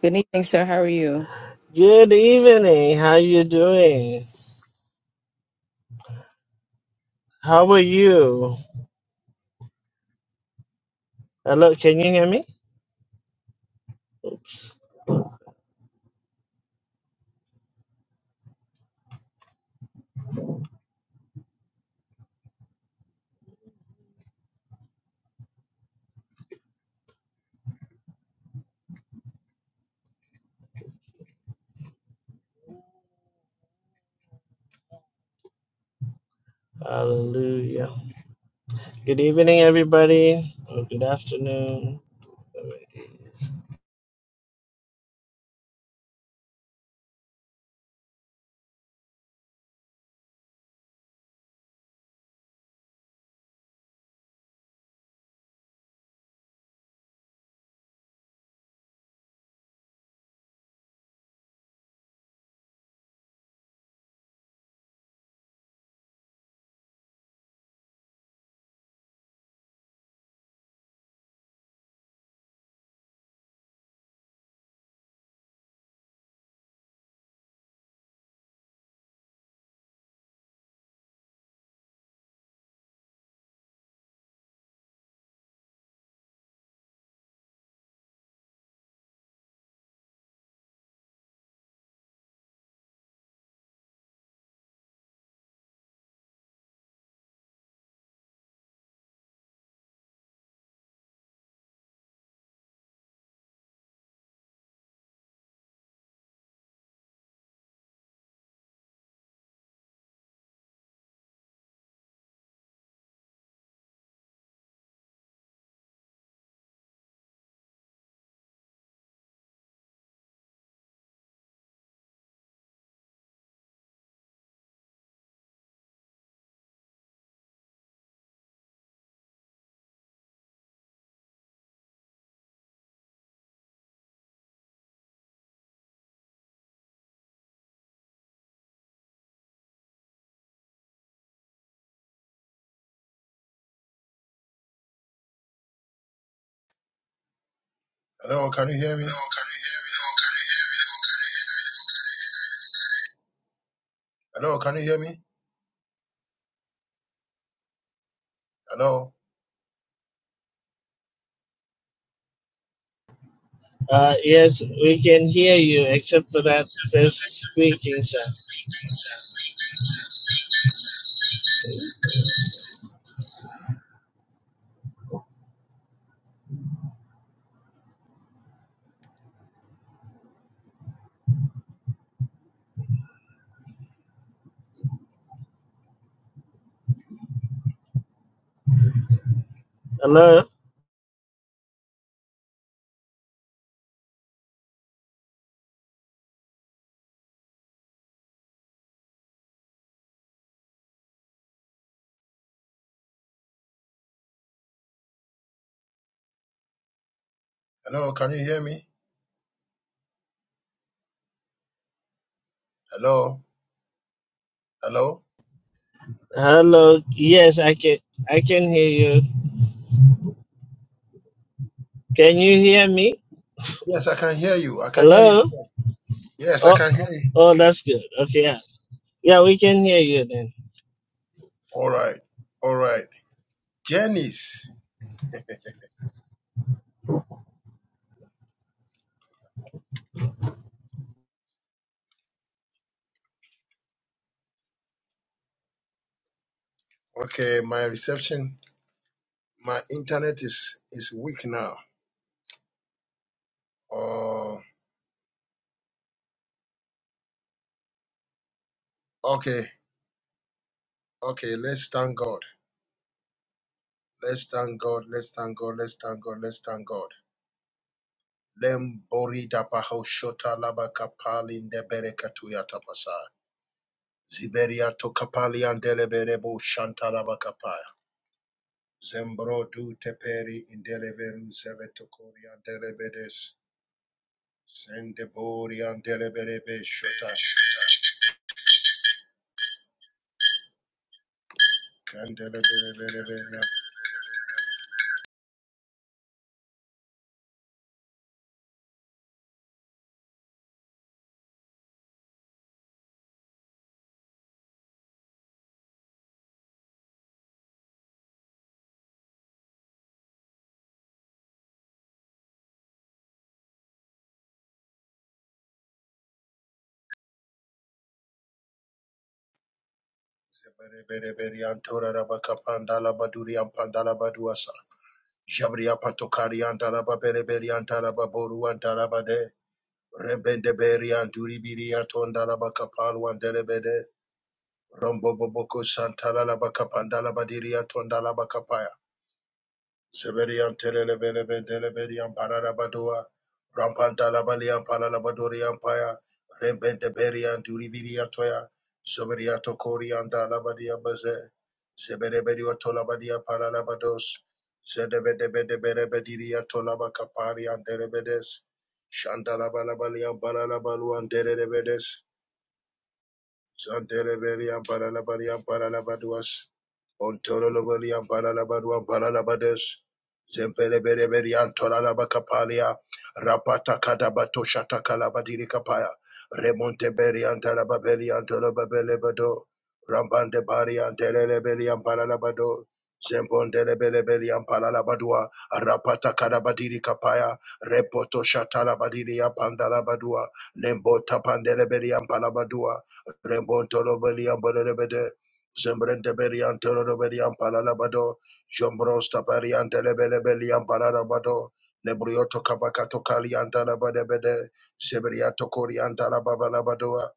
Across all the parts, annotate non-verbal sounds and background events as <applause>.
Good evening, sir. How are you? Good evening. How you doing? How are you? Hello, can you hear me? Hallelujah. Good evening, everybody. Or good afternoon. whatever it is. Hello, can you hear me? Hello, can you hear me? Hello, Uh, yes, we can hear you, except for that first squeaking sound. Hello, hello, can you hear me? Hello, hello. hello. Yes, I can. I can hear you. Can you hear me? Yes, I can hear you. I can hear you. Hello. Yes, I Oh, can hear you. oh, that's good. Okay, yeah, yeah, we can hear you then. All right, all right. Janice, okay, my reception, my internet is is weak now. Oh, okay, okay. Let's thank God. Let's thank God. Let's thank God. Let's thank God. Let's thank God. Lem Lembori dapaho shota labakapali ndeberekatuya tapasa. Ziberia tokapalia ndeleberebo shantarabakapaya. Zembro du teperi indeleberu zevetokoria ndelebedes. Sendeboria ndeleberebe shota. Kandeleberebereberia. Zeberebereberia ntorarabakapandala baduria mpandala baduasa. Jabria patokaria ndalababereberia ndalababoru ndalabade. Rembendeberia nduribiria tondalabakapalwa ndelebede. Romboboboko Santalala Bakapandala Badiria Tondala Bakapaya. Severian Telebeleben Deleberian Pararabadua. Rampantala Balian Palalabadorian Paya. Rembente Berian Duriviria Toya. Severia Tokorian Dalabadia Baze. Seberebedio Tolabadia Paralabados. Sedebedebedebediria Tolabakaparian Delebedes. Shandala Balabalian Balalabaluan Delebedes. Shantelebelian Paralabadian Paralabaduas, Ontolobelian Paralabaduan Paralabades, Zempelebelian Toralabacapalia, Rapata kadabato, Shata Calabadiri Capaya, Remontebelian Tarababelian Torababelebado, Rambande Barian Telebelian Paralabado, Zembondelebelian Paralabadua, Rapata Cadabadiri Capaya, Repoto Shatalabadiria Pandalabadua, Lembota Pandelebelian Palabadua, Rembontolo Belian Bolebede, Zembrente Berian Tolobelian Palalabado, Jombros Taparian Telebelebelian Palalabado, Lebrioto Cabacato Calian Talabadebede, Zebriato Corian Talabababadoa,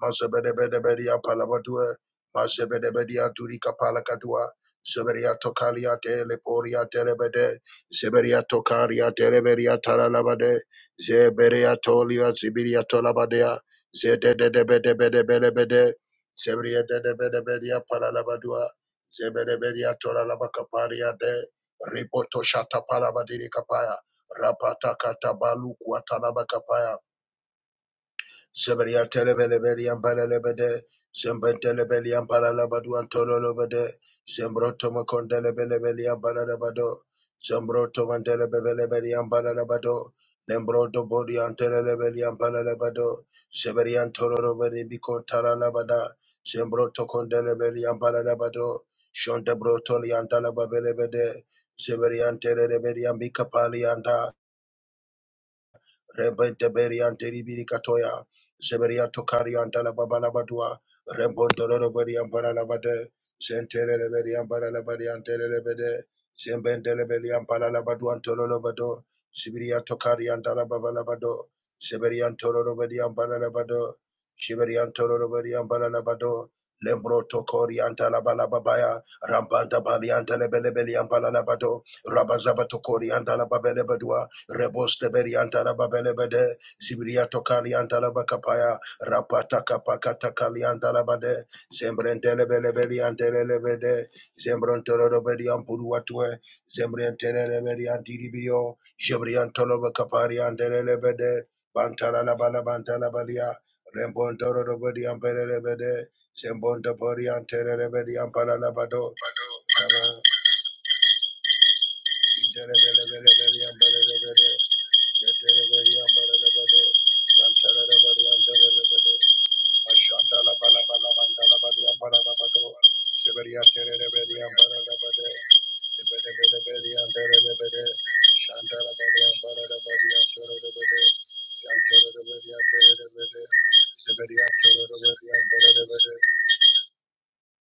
Mazebedebedebedia palabadua, Mazebedebedia turika palakatua, Zeberia tokalia teleporia telebede, Zeberia tokaria teleberia talalabade, Zeberia tolia zibiria tolabadea, Zededebedebedebedebede, Zeberia dedebedebedia palalabadua, Zebedebedia tolalabacaparia de, Ripoto shata palabadiri kapaya, Rapata katabalu kuatalabakapaya. Zebedia telebelebedi and balelebede. Zembentelebeli and balalabadu and tololobede. Zembroto macondelebelebeli and balalabado. Zembroto mandelebelebeli and balalabado. Lembroto body and telebeli and balalabado. Zebedia and tololobedi bicon talalabada. Zembroto condelebeli and balalabado. Shonda brotoli and dalababelebede. Zebedia and telebeli and bicapali and da, Rebe Deberian Deribiri Katoya, Zeberia Tokarian Dalababalabadua, Rembon Doroberian Baralabade, Zentere Reberian Baralabadian Delebede, Zemben Delebelian Baralabaduan Tolobado, Sibiria Tokarian Dalababalabado, Zeberian Toroberian Baralabado, Shiberian Toroberian Baralabado, Lembro Tokorian Dalabalababaya, Rambanda Balian Delebelian Baralabado, Rabazaba Tokorian Dalababelebadua, Reboste beriantara babelebede, Zibriato kaliantara bakapaya, Rapata kapakata kaliantara bade, Zembrentele belebeliantele lebede, Zembrentele beriampuruatue, Zembrentele beriantiribio, Jebriantolo bakapariantele lebede, Bantala la bala bantala balia, Rembontoro beriampele lebede, Zembonda beriantele lebede, Ampala labado, Shantara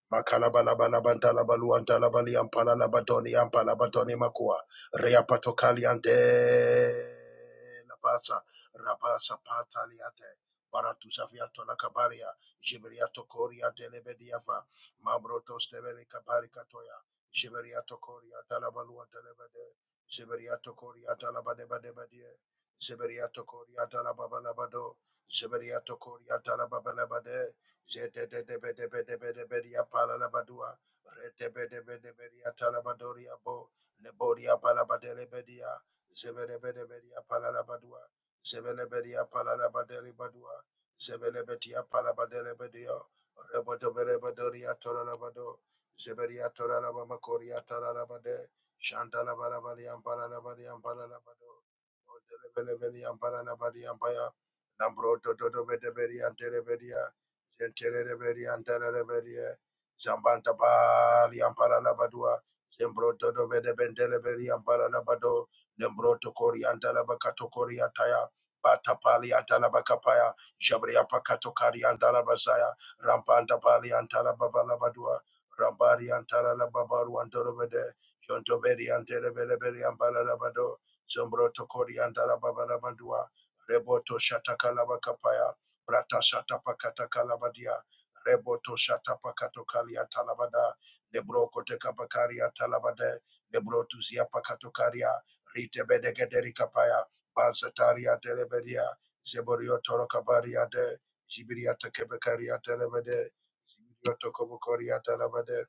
Makalabalabalabantalabaluantalabali ampalalabatoni ampalabatoni makua. Reapatokaliante labasa rabasa pataliante. Baratusafiato lakabaria. Jiberiato koriante lebediava. Mambroto stevele kabarikatoya. Jiberiato koriante labaluante lebede. Ziberiato koriante labadebadebadie. Ziberiato koriante lababalabado. Ziberiato koriante lababalabade. Jedededebedebedebedebedea palalabadua. Redebedebedebedea talabadoria bo. Lebodia palabadelebedia. Zebedebedebedea palalabadua. Zebelebedia palalabadelebadua. Zebelebedia palabadelebedia. Rebodoberebadoria tolalabado. Zebedia tolalabamakoria talalabade. Shandalabalabadiam palalabadiam palalabado. Odelebelebediam palalabadiam Lambro dodo bedebedia Zentereberia and Tereberia, Zambanta Pali and Paralabadua, Zembroto de Bedebenteleberia and Paralabado, Lembroto Cori and Talabacato Coriataya, Batapali Atalabacapaya, Jabria Pacatocari and Talabasaya, Rampanta Pali and Talababalabadua, Rambari and Talababaru and Dorobede, Jontoberi and Telebelebeli and Paralabado, Zembroto Cori and Talababalabadua, Reboto Shatakalabacapaya, Brata shata pakata kalabadia. Reboto shata pakato kalia talabada. Lebro kote kapakaria talabade. Lebro tuzia pakato karia. Rite bedegederi kapaya. Bazataria telebedia. Zeborio toro kabaria de. Zibiria tekebekaria telebede. Zibirio tokobokoria telebede.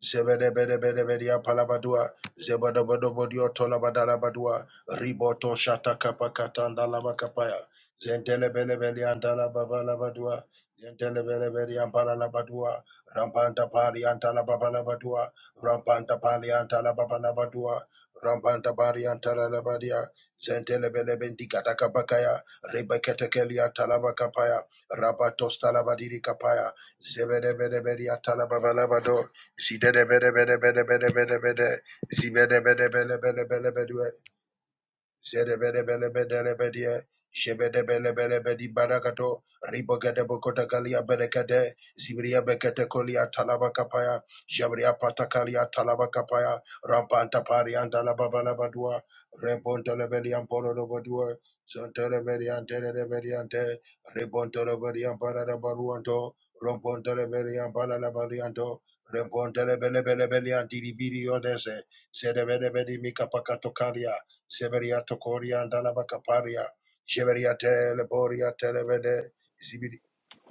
Zebedebedebedebedia palabadua, zebadabadabodio tolabadalabadua, riboto shatakapakatanda labakapaya, zendelebelebeliandalababalabadua, zendelebelebeliambalalabadua, rampantapaliantalababalabadua, rampantapaliantalababalabadua, rampantapaliantalabadia, zendelebelebendikatakapakaya, ribeketekeliantalabakapaya, rabatostalabadidikapaya, zebedebedebedia talababalabado, she did a bit, a bit, a bit, a bit, a bit, a bit. She did Zedebedebelebedelebedie, Shebedebelebelebedibarakato, Ribogadebokodagalia Berekade, Zibria Beketekolia Talabakapaya, Jabria Patakalia Talaba kapaya Rampanta Parianda Lababalabadua, Rebondelebelian Porobodua, Zontelebelian Telebeliante, Rebontelebelian Paradabaruanto, Rombontelebelian Paradabalianto, Rebontelebelebelian Diribirio Dese, Zedebedebedi Mikapakatokalia, Severia Tokoria and Dalabakaparia, Jeveria Teleboria Telebede, Zibidi,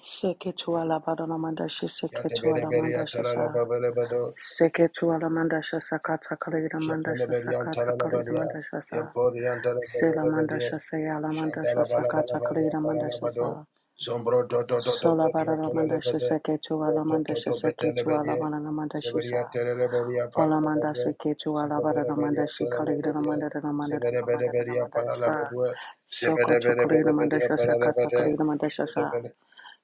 Seketu alabadona mandasha seketu Yadebede alamandasha sa. Beria Seketu alamandasha sakata kalida mandasha Shepelebedian sakata kalida Talalabadia, mandasha sa. Emporian Sela Talabalabadia, mandasha sayala mandasha sakata Shantalabalabalia kalida mandasha Palalabado, sa. Zombro Toto Sola Bedia badana mandasha Talalabade, seketu Toto alamandasha Toto seketu Betelebedia, alabadana mandashi Severia sa. Telelebedia Ola mandasha Palalabadua, ketu alabadana Sibadabedia mandashi kalida Talalabadia, mandadana mandadana mandadana Severebedia mandasha sa. Palalabadua, Sokoto kalida Severebedia mandasha sakata Palalabade, kalida mandasha sa.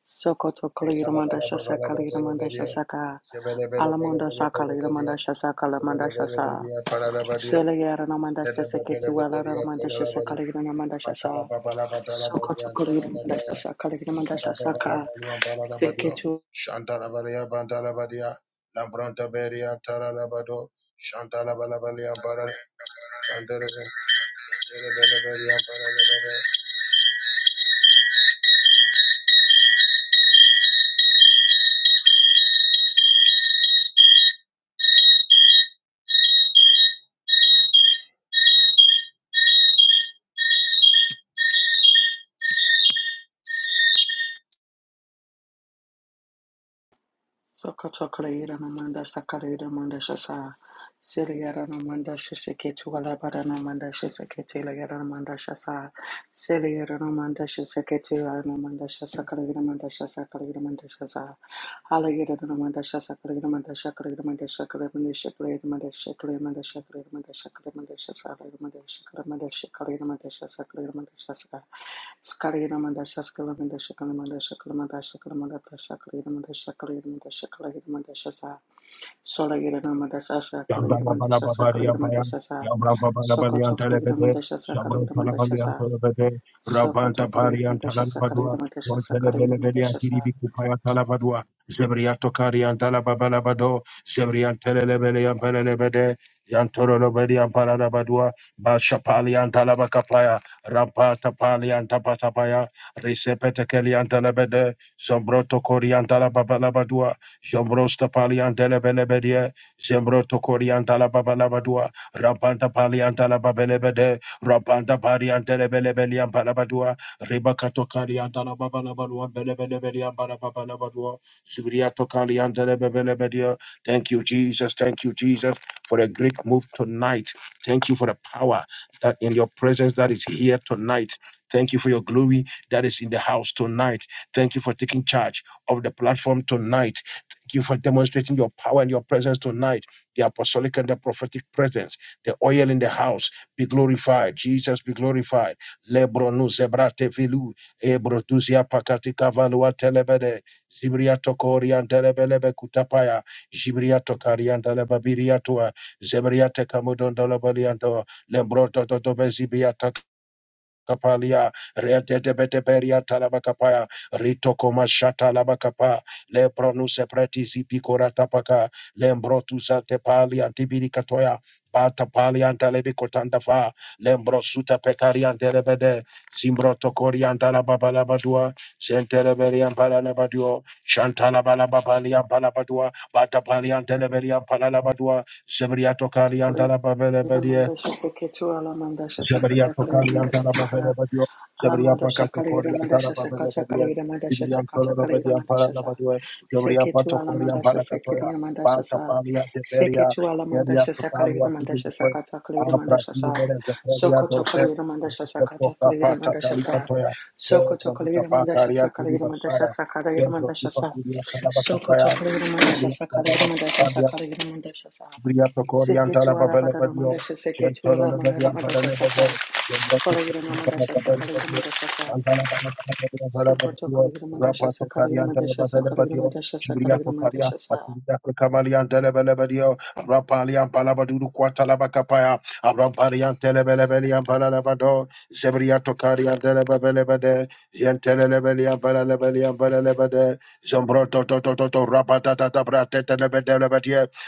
Sokoto Kaligramanda Shasa Kaligramanda Mekalabalabadia, Shasaka Severebedia Alamunda Palalabade, Sakaligramanda Shasa Kalamanda Shasa Severebedia Palalabade, Selayara Namanda Shasa Ketuala Ramanda Shantala Shasa Kaligramanda Shasa Sokoto Kaligramanda Shasa Kaligramanda Shasaka Seketu Sakachakaleira namanda sakaleira manda shasa. Siliara namanda shiseketu alabara namanda shiseketi lagara namanda shasa. Siliara namanda shiseketi namanda shasa kaleira manda shasa kaleira manda shasa. Halagira namanda shasa kaleira manda shakaleira manda shakaleira manda shakaleira manda shakaleira manda shakaleira manda shakaleira manda shasa kaleira manda shakaleira manda shakaleira manda shasa kaleira manda shasa. Skalayamanda Saskalamanda Shakalamanda Shakalamanda Shakalamanda Shakalamanda Shakalamanda Shakalamanda Shasa Solayiramanda Sasa Yandala Kalayamanda bala Shasa babaria baya. Kalayamanda Shasa Yabra babala balian Sokoto telebede. Kalayamanda Shasa Shabra bala Kalayamanda balian Shasa telebede. Sokoto Rabanta parian Kalayamanda Shasa talabadua. Kalayamanda Shasa Wantelebele Kalayamanda belian Shasa kiribi kupaya talabadua. Zebriato karian talababala bado, Zebrian telebelean pelebede. Yantoro lobelian paranabadua. Bashapalian talabakapaya. Rampata palian tapatapaya. Risepete kelian telebede. Zombroto Coriantala Babalabadua, Zombrosta Paliantele Belebedia, Zembro tokorianta la babalabadua, Rampanta palianta la babelebede, Rampanta parianta lebelebelian palabadua, Ribacato carianta la babalabaluan belebelebelian balabababadua, Zubriato calianta lebebelebedia. Thank you, Jesus. Thank you, Jesus, for a great move tonight. Thank you for the power that in your presence that is here tonight. Thank you for your glory that is in the house tonight. Thank you for taking charge of the platform tonight Thank you for demonstrating your power and your presence tonight, the apostolic and the prophetic presence, the oil in the house. Be glorified. Jesus be glorified. Lebronu zebrate vilu, ebrotuzia pakati kavalua telebede, zibria tokorian telebelebe kutapaya, jibria tokarian telebabiriatua, zebria tekamudon dolabalianto, lembroto totobe Kapalia, Retetebeteperia Rito Ritokoma Shata Labacapa, Lebronuse Pretisi Picora Tapaka, Lembrotusa Tepali Antibiricatoya, Bata Pali antalebi Antalebicotandafa, Lembrosuta Pecarian Telebede, Zimbroto Coriantala Babalabadua, Zenteleberian Palanabaduo, Shantalabalababalia Palabadua, Bata pali Palian Teleberian Palalabadua, Sebriato Cariantala Kalayamanda Shasa Ketu Alamanda Shasa Jabaria Tokali Kalayamanda Antana Shasa Babele Badio, Jabaria Alamondo Pacato Sakaligra Coria Antana Mandasha Babele Sakata Badio, Kaligra Mandasha Vivian Sakata Toro Kaligra Badia Mandasha Parana Sa Badio, Jabaria Seke to Pato Coria Alamandasha Paracatoya, Sekiri Mandasha Pata Sa Palia Seke Teferia, to Jabaria Alamandasha Sakaligra Totalia Vivian Mandasha Poe, Sakata Kaligra Apra Mandasha Sa Vivian Teferia Sokoto Dose, Kaligra Mandasha Poto Sakata Kaligra Capata Mandasha Sa Calipatoya, Sokoto Babita Kaligra Mandasha Pacaria Vivi Sakaligra Mandasha Masaya, Sakaligra Pedro Mandasha Sa Tupacuria Sokoto Tanabacapaya, Kaligra Mandasha Sakaligra Mandasha Sakaligra Mandasha Sa Briato Seke Corianta to la Babella Alabada Badio, Mandasha Seke to Gentolo Leveria Alamandasha Parale Bebe, Saka Gendrato Kolegira Corianta la Mandasha Sakaligida Badio, Mandasha Sa Antana Babella Sokoto Badio, Kolegida Mandasha Rapato Sakaligida Carianta la Mandasha Babella Sakaligida Badio, Mandasha Sakaligida Gibriato Paria, Mandasha Sa Patiriato Camalianta la Babella Badio, Rapalian Palabaduru Quatalabacapaya, Abrampariante la Babella Belian Palalabado, Zebriato Carianta la Babella Bade, Gentele Levelian Parale Belian Parale Bade, Toto Rapatata Bratete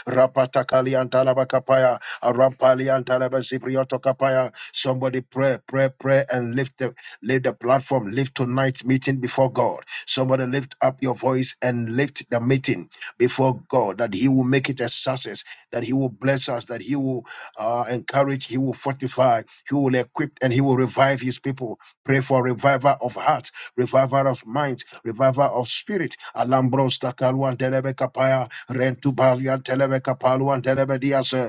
Rapatakali antalabakapaya. Arampali antalaba zibrioto kapaya. Somebody pray, pray, pray, and lift the lift the platform. Lift tonight's meeting before God. Somebody lift up your voice and lift the meeting before God that He will make it a success, that He will bless us, that He will uh, encourage, He will fortify, He will equip, and He will revive His people. Pray for revival of hearts, revival of minds, revival of spirit. Alambros takalwan Rentu balian telebe kapaluan telebe diase.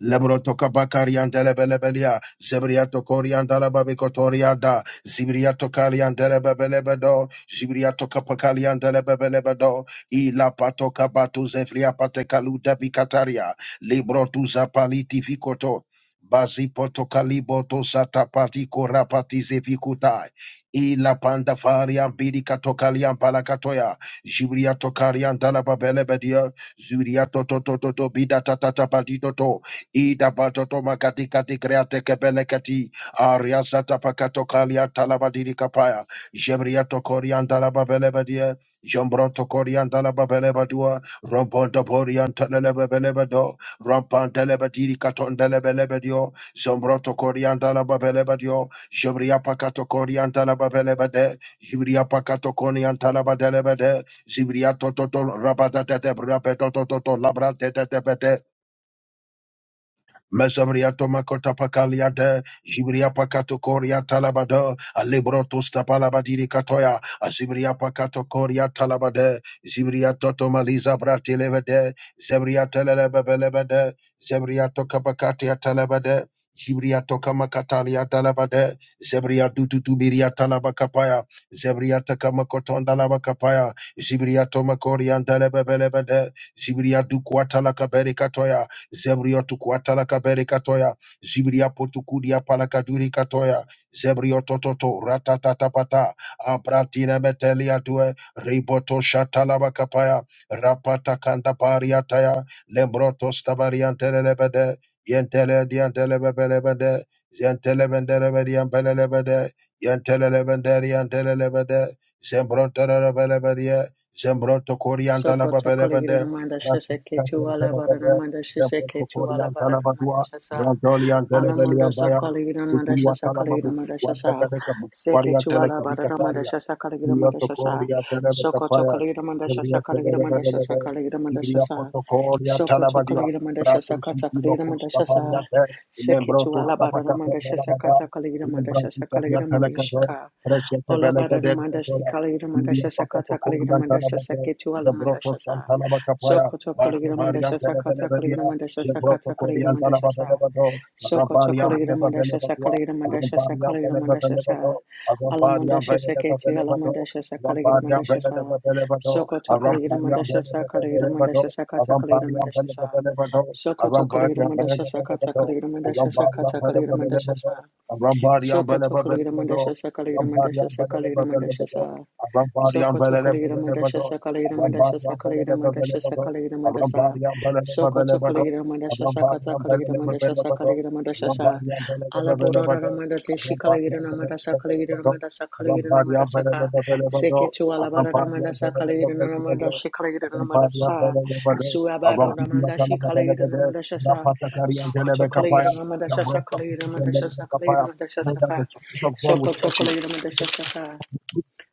Lebroto Kabakarian Delebelebelia, Zebriato Corian Dalababicotoriada, Zibriato Carian Delebebelebedo, Zibriato Capacalian Delebebelebedo, Ila Pato Cabatu Zefria Patecalu Debicataria, Libro Tuza Paliti Ficoto. Bazipoto kaliboto satapati korapati zevikutai. Ila panda faria bidi katokalian palakatoya. zibriato tokarian dalababelebedia. zuriato toto toto bida tatata patitoto. Ida batoto makati kati kreate kebelekati. Aria zata pakato kalia talabadiri kapaya. Jemriato korian dalababelebadia. Jombronto korian dalababelebadua. Rombondo borian telebelebedo. Rampan delebadiri katon delebelebedio. Zombronto korian dalababelebadio. Jemria pakato korian dalababelebade. Jibria pakato korian talabadelebade. Zibriato toto rabadate rabedototo labrate tete Mezabriato makota pakaliade, Jibria pakato koria talabada, Alebroto stapalabadiri katoya, Azibria pakato koria talabade, Zibria toto maliza bratilevede, Zebria telebebelebede, Zebria tokabakatia talabade, Jibria tokamakatalia talabade, Zebria dututubiria talabakapaya, Zebria takamakotonda Zibriato Zibria tomakorian telebebelebede, Zibria dukwatala kaberikatoya, Zebrio tukuatala kabere katoya. Zibria potukudia palakaduri katoya. Zebrio tototo ratatatapata. Abratina metelia due. Riboto shatalaba kapaya. Rapata kanda pariataya. Lembroto stabariantelebede. Yentele diantelebelebede. Zientelebenderebediambelebede. Yentelebenderiantelebede. Zembrontelebelebede. Zembronto Sokoto Kolegida coriandalabelebede. Mandasha Seke to Alabara Mandasha Seke to Korian Alabara Talabadua, Mandasha Sa Razolian Telebelian Alamondo Bayan, Sakalina Mandasha Ikuluatala Sakalina Mabuku, Wanda Mandashasa Kadeka, Seke Bukwaria Tuala Teleka, Badara Vikataria, Mandasha Sakalina Ibria Mandashasa Tokoria Soko Telebekapaya, Tokalina Mandasha Ibria Sakalina Mandasha Telebekapaya, Sakalina Ibria Mandashasa Potokoria Soko Talabadia, Tokalina Mandasha Brato Sakata Sitino Kalina Postaparia, Mandashasa Seke Ilembroto Tuala Badara Stapacata Mandasha Belabada, Sakata Kalina Mandasha Ilembrasicatia Sakalina Telecade, Mandashika Presete Ola Beleca bara no del manda shi Catora, kala gira manda Ibria sha sakata kala gira Potokoria manda Talabade, saketu the ala manda Broto sha sa. Santalabacapaya, Sokoto kala Barto gira manda Maria sha sakata kala Telebedia, gira manda sha Jebroto sakata kala gira Coria manda sha sa. Talabadelebedo, Sokoto Rabaria kala gira manda sha Nebadelebadua, sakala gira manda sha Rabaria sakala gira manda sha Telebadabado, sa. Ala manda Arampariam sha saketi ala Pelebado, manda sha sakala gira Arampariam manda sha sa. Pelebado, Sokoto kala gira manda Arampariam Pelebado, Arampariam sha sakala gira manda Pelebado, sha sakata kala gira Arampariam manda sha sa. Pelebado, Sokoto kala gira Arampariam Pelebado, Arampariam manda sha sakata kala Pelebado, gira manda sha Arampariam sakata kala gira manda Pelebado, sa. Arampariam Pelebado, Arampariam Soko tokoligramandasha Pelebado, sakaligramadasha Arampariam sakaligramadasha sa. Sokoto Kaligida Mandasha Sakaligida Mandasha Sakaligida Mandasha Sakaligida Mandasa Sokoto Pelebado, Kaligida Mandasha Sakata Arampariam Kaligida Mandasha Pelebado, Sakaligida Mandasha Sa Arampariam Alaborora Pelebado, Ramada Pray Deshi that Kaligida the Namada Sakaligida Spirit Namada Sakaligida Namada Saka Seketu Alabara Ramada Sakaligida Namada Shikaligida Namada Sa Suabado Ramanda Shikaligida Namada Shasa Sokoto Kaligida Namada Shasa Kaligida Mandasha Sakaligida Mandasha Saka of God will Sokoto touch you. Kaligida Mandasha Saka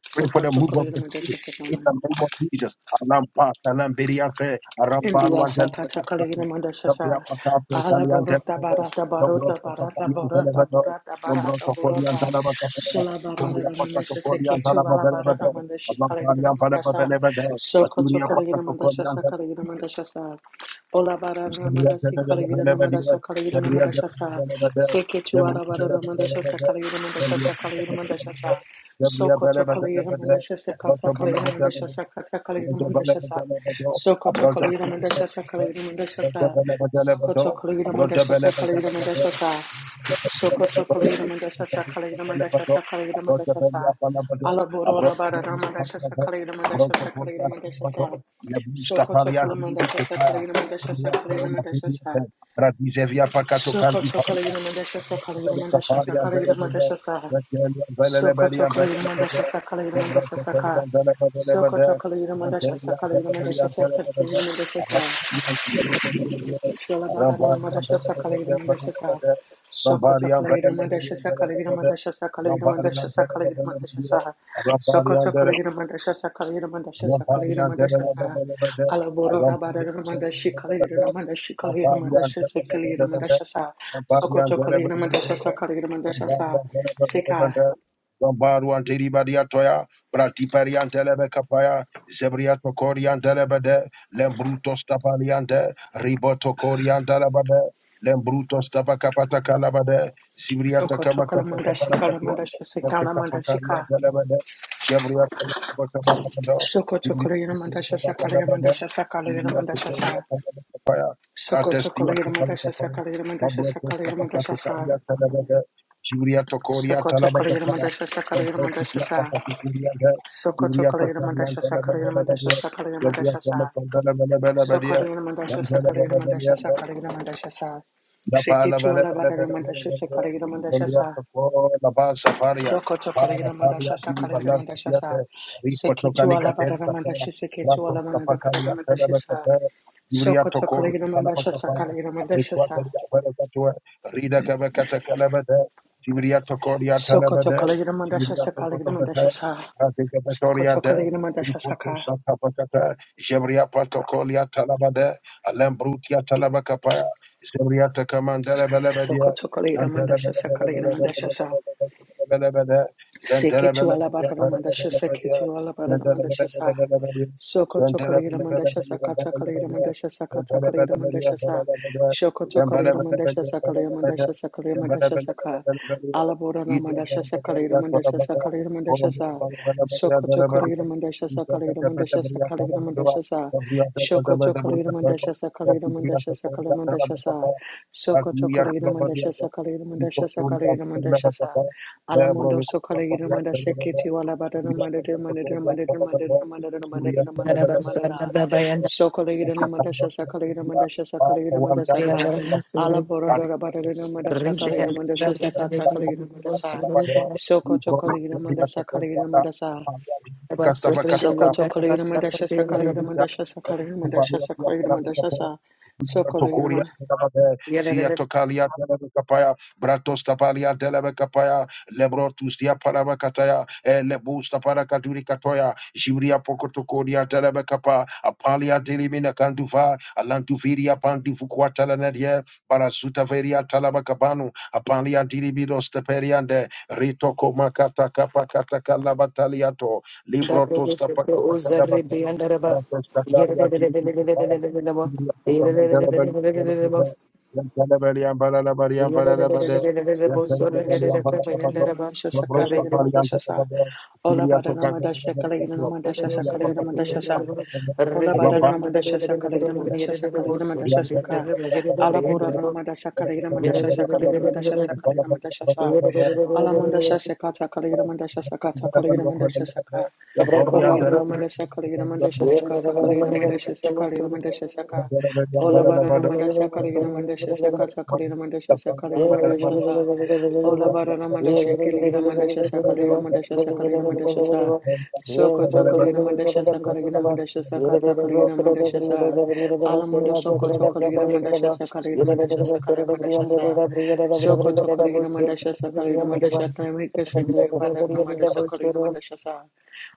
Choco, Pray for Soko the move choko of lele the mandesha Spirit. soko In na. the name of Jesus. Alampa, Alambiriase, Arampalua, Indiasa Zelda, Patakalina Zambia, Mandashasa Pacafe, Ala Italian, Borota Zelda, Barata Nombros, Barota Barata Papalian, Borata Zelda, Borata Nombros, Barata Papalian, Borota Zelda, Sula Zambia, Barata Mandashasa Pacatoporian, Zelda, Ketu Ala Zelda, Barata Mandashi Kalina Alampalian, Palapa, Mandasa Zelda, Soko Asuria, Tokolina Mandashasa Kalina Pacatoporian, Mandashasa Ola Barata Mandasi Kalina Abracadabra, Mandasa Kalina Mandashasa Seketu Ala Barata Mandashasa Kalina Mandashasa Kalina Mandashasa Soko Tokolina Mandashasa Kata Kalina Mandashasa Kata Kalina Mandashasa Soko tokolida mandasha sakalida mandasha sa. Soko tokolida mandasha sakalida mandasha sa. Soko tokolida mandasha sakalida mandasha sakalida mandasha sa. Alaborora barada mandasha sakalida mandasha sakalida mandasha sa. Soko tokolida mandasha sakalida mandasha sakalida mandasha sa. Radizevia pacato Soko cantipa tokolida mandasha sakalida mandasha Ramparian, sakalida mandasha sa. Soko tokolida mandasha sakalida mandasha sa. Soko tokolida mandasha sakalida mandasha sakalida mandasha sa. Shalabara no Madasha Sakalagira Madasha Sa Sokota Kalagira Madasha Sakalagira Madasha Sakalagira Madasha Sakalagira Madasha Sa Sokota Kalagira Madasha Sakalagira Madasha Sakalagira Madasha Sa Alaboro Rabara Ramadashi Kalagira Ramadashi Kalagira Madasha Sakalagira Madasha Sa Sokota Kalagira Madasha Sakalagira Madasha Sa Sika Gombaru anteri badia toya, prati peri antelebe kapaya, zebriato kori antelebede, lembruto stapaliante, riboto kori antelebede, lembruto stapakapata kalabade, zibriata Sokoto kama Kalina kapa Mandasha kapara katua, zebriato kapa kapara kado, zibriato kori Sakalina antelebede, Mandasha Sakalina zibriato Mandasha kori Sa. antelebede, Ratestia Sokotokoliramadasha Takalakapa, Sakaliramadasha Mabrotos Sakaliramadasha Sa Kapatatukaria Tanabada, Juria Tokoria Tanabakapana, Sokotokoliramadasha Sakaliramadasha Bentokia Sa Patatukuria, Juria Takaria Sokotokoliramadasha Tanabana, Sakaliramadasha Juria Sakaliramadasha Sa Tamakandana Sokoliramadasha Sakaliramadasha Banabana, Sakaliramadasha Sa La ba la ba la ba la ba la ba la Sekitualabaramadasha ba la. Sakaliramadasha Dunia Sa toko la ba safaria. Ba la safaria Sokotokoliramadasha di bala Sakaliramadasha Sa kisiate. Ripo tokali kateri kafara. Sekitualabaramadasha Brato kapakalia tele Sekitualamanadabaramadasha Sa bekete. Dunia toko ni kala Sokotokoliramadasha bakafara. Sakaliramadasha Atekwa Sa teri kafara katwe. Rida kebe kete kele bede. Dunia toko ni atele Sokoto bede. Kaligina Dunia Mandashasa toko Kaligina tokete. Mandashasa Ate kebe toria Sokoto de. Kaligina Ripo to Mandashasaka santa bakate. Jemria patoko li atele bede. Alembrutia tele Zebriyata kamandala bala badia. Sokoto Kaligina Zantala bala Mandashasa bala Kaligina bala bala Mandashasa bala bala bala bala. Zantala Seketu bala badia alabarara bala mandasha bala badia. seketu alabarara Zantala bala mandasha bala sa. bala badia. Sokoto Zantala kolegira bala bala bala mandasha sa kata bala kolegira badia. mandasha sa kata Zantala bala kolegira badia mandasha bala sa. bala badia. Shokoto Zantala kolegira bala mandasha badia sa bala kolegira bala badia. mandasha sa kolegira Zantala mandasha bala sa ka. bala bala badia. Alaborana Ida mandasha bala sa bala kolegira badia kora mandasha sa bala. kolegira Kora mandasha sa. bala bala badia Sokoto bala kolegira bala. mandasha sa kolegira Zantala mandasha sa kolegira mandasha sa. Shokoto bala kolegira badia bala bala. mandasha sa kolegira mandasha Castavacata, sa kolegira mandasha sa. Sokoto kolegira mandasha sa kolegira mandasha sa kolegira mandasha sa. Alamundo so kolegira manda seketi wala badana manda de manda de manda de manda de manda de manda de manda de manda da so kolegira manda shasa kolegira manda shasa kolegira manda saka ala borada da badada da manda saka kolegira manda shasa kata kolegira manda sa so koto kolegira manda saka kolegira manda sa so koto kolegira manda shasa kolegira manda shasa kolegira manda shasa kolegira manda shasa so kolegira Tokuria manda Telebe, Zia Tokalia Telebe Kapaya, Bratos Tapalia Telebe Kapaya, Lebrotus Dia Parabakataya, Lebus Taparakaturi Katoya, Jibria Pokotokoria Telebe Kapa, Apalia Delimina Kanduva, Alantuviria Pandivukua Telenedia, Barazuta Veria Talabakabanu, Apalia Dilibidos Teperiande, Rito Komakata Kapakata Kalabataliato, Librotos Tapakata Kalabatana. Thank shasa kata kolegira manda shasa kata kolegira manda shasa <laughs> kolegira manda shasa Ola barana madasha kalegina madasha Thank sakalegina madasha sa. Ola barana madasha sakalegina madasha sakalegina madasha saka. Ala borana madasha kalegina madasha sakalegina madasha sakalegina madasha sa. Ala madasha sekata kalegina madasha sakata kalegina madasha saka. Kalegina madasha kalegina madasha sakata kalegina madasha sakalegina madasha saka. Ola barana madasha you. kalegina madasha you. sakata kalegina madasha Thank sakalegina madasha sa. Ola bara na mandasha na mandasha sa kali na Thank mandasha sa kali na mandasha sa soko to kali na mandasha sa kali na mandasha sa kata kali na mandasha sa alamundo soko to kali na mandasha sa kali na mandasha sa kali na mandasha sa soko to kali na mandasha sa kali na mandasha kali na mandasha you. kali bara na mandasha kali na you. mandasha sa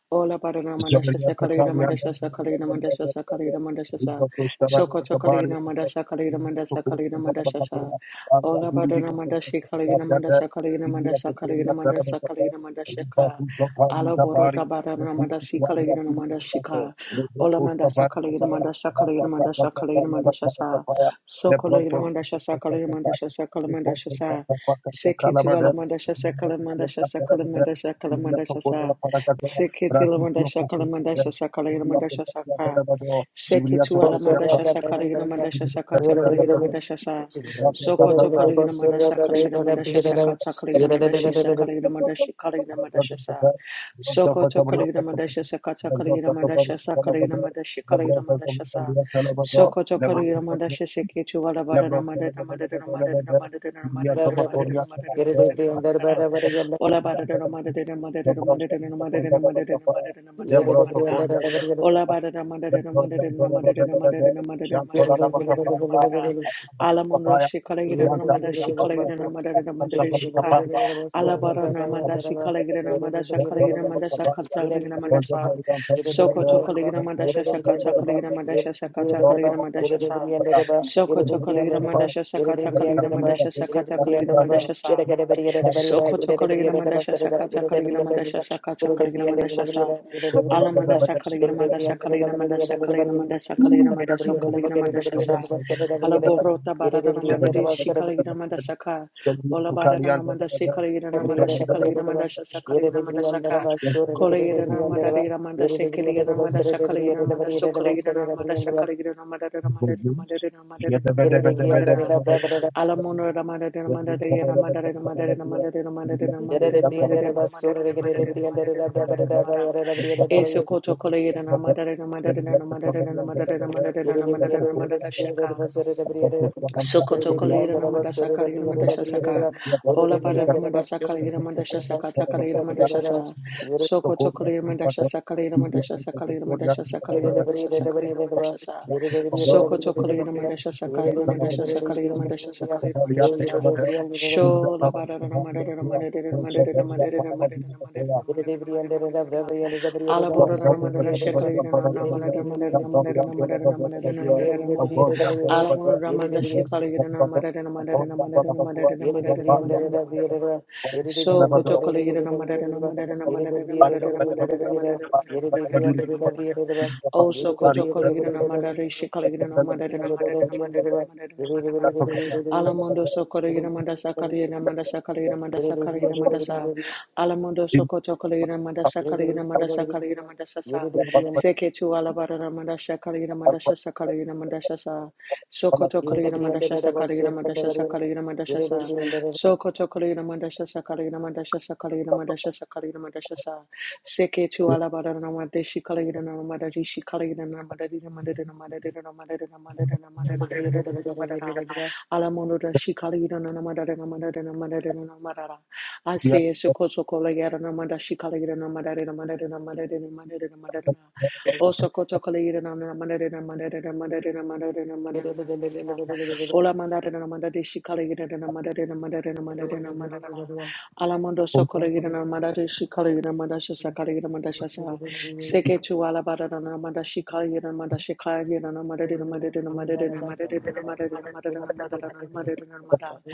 Ola barana mandasha Zabaria sakalina Patalia, mandasha sakalina mandasha sakalina mandasha sa Rico Stavara shoko Cabaria, chokalina mandasha kalina mandasha kalina mandasha sa Caparia, Anga ola barana Guridica, mandashi kalina Caparia, mandasha kalina India mandasha Pataria, kalina Tarana mandasha Capara, kalina mandasha Ripa ka Pusapari, ala borota Capari, the barana mandasi Pusituaria, kalina mandashi Piricato, ka ola Repo mandasa Stavar kalina Capaya, mandasha kalina Mapa Capa mandasha kalina Capaya, mandasha Bacana sa Capaya, the sokolina mandasha sakalina mandasha sakalina Proto mandasha sa the Potter, sekitu ala Calabada, mandasha sakalina mandasha sakalina mandasha kalina India mandasha sa Cocoda, Paracata, Seketi la Braccio mandasha poco kala sempre mandasha sakala yina Sibiria per mandasha la saka. Belvado, Sibiria Seketu ala poco per la mandasha sakala yina mandasha sakata kala yina mandasha sa. Sokoto kala yina mandasha kala yina mandasha sakata kala yina mandashi sakala yina mandashi kala yina mandasha sa. Sokoto kala yina mandasha sakata kala yina mandasha sakala yina mandashi kala yina mandasha sa. Sokoto kala yina mandasha seketu ala bara na mandada na mandada na mandada na mandada na mandada na Yet mandada na mandada it na is mandada the na under by mandada. the under Ola bara da da ma da da da ma da da da ma da da da ma da da da ma da da da ma da da da ma da da da end of ma da the da. under and over Sibiria Ola bara da ma da da da ma Thank da da da ma da da da ma da da da ma da da da ma da da da ma da da da ma da da. the Ala mondra shi kala Yere gira na ma da shi kala gira na ma da da da ma da da shi ka. Ala bara na ma da shi kala gira na ma da sa kala gira ma da sa kala gira na ma da sa. Soko to kala gira ma da sha sa ka ta kala gira ma da sha sa ka ta kala gira ma da sha sa. Soko to kala gira ma da sha sa ka ta kala gira ma da sha sa ka ta kala gira ma da sha sa. Sokoto Kaligina Mandasha Sakata Kaligina Mandasha Sakata Kaligina Mandasha Sa Alamandasa Kaligina Mandasa Kaligina Mandasa Kaligina Mandasa Kaligina Mandasa Kaligina Mandasha Sa you. Alaborota Yere de Baradana bri under Jabria Madadi the sort of Shikaligina Mandasaka Ola Baradana Mandasi Kaligina every other Mandasha Kaligina deba. Mandasha Sa Yere de bri under Kaligina Kolegira mada dira mada sekelira mada sakalira mada sokolira mada sakalira mada dira mada dira mada dira mada dira mada dira mada dira the bus, alamuna dira mada dira mada dira mada dira mada dira mada dira mada dira Yererebri mada dira andaraba sorabri yererebri yererebri yererebri andaraba sorabri andaraba yererebri andaraba sorabri yererebri yererebri sorabri andaraba yererebri andaraba babarada yererebri andaraba sorabri yererebri mada andaraba dira mada dira mada dira mada dira mada babarada dira mada yererebri andaraba eso koto kolegira mada dira mada dira mada dira mada dira mada dira mada dira yererebri mada dira mada dira yererebri shaka yererebri sorabri Sokoto yererebri Kalayira andaraba Namadasa sorabri Kalayira Madasha yererebri Saka yererebri Ola yererebri Bada andaraba Ramadasa sorabri Kalayira Madasha Saka yererebri Takalayira Madasha andaraba sorabri Sa yererebri तो Sokoto code में Kalayira पर Madasha तो Sakalayira video Madasha में तो Sakalayira code याद Madasha नहीं पता Yere Sakalayira है Madasha Sakalayira तो Madasha Sa हम तो Sokoto Kalayira Madasha Sakalayira Madasha Sakalayira Madasha Sakalayira सवाल याद Madasha तो Sa पता है वीडियो का Shola Bada सवाल Ramadada याद हुआ Ramadada और Ramadada शायद या Ramadada खाना बात Ramadada नहीं होगा Ramadada Ramadada Ramadada Ala सब boro na na बात है mandara मैंने बात shekali हम na na पता na पता है mandara mandara हम na सब याद तो पता पता है हम बहुत याद तो Ala पता boro na mandara है shekali na हम na mandara na mandara बहुत पता पता हुआ और बात याद तो So पता है koto kali na na mandara na mandara na mandara na Oh so koto kali na na mandara shekali na na mandara na mandara Ala mondo so kali na mandasa kali na mandasa kali mandasa kali mandasa. Alamundo sokoto kaligina madasa kaligina madasa kaligina madasa sa. seketu tu alabara madasha kaligina madasha sa kaligina madasha sa. Sokoto kaligina madasha sa kaligina madasha sa kaligina madasha sa. Sokoto kaligina madasha sa kaligina madasha sa kaligina madasha sa kaligina madasha sa. Seke tu alabara madashi kaligina madarishi kaligina madarina madarina madarina madarina madarina madarina madarina madarina. Alamundo dashi kaligina madarina madarina madarina madarina. I say sokoto kola yera na manda shi kala yera na manda re na manda re na manda re na manda re na manda re na o sokoto kola yera na na manda re na manda re na manda re na manda re na manda re na na manda ola manda re na manda de shi kala yera na manda re na manda re na manda re na manda re na ala mando sokola yera na manda de shi kala yera manda shi sa kala yera manda shi sa seke tu ala bara na na manda shi kala yera na manda shi kala yera na manda re na manda re na manda re na manda re na manda re na manda re na manda re na manda re na manda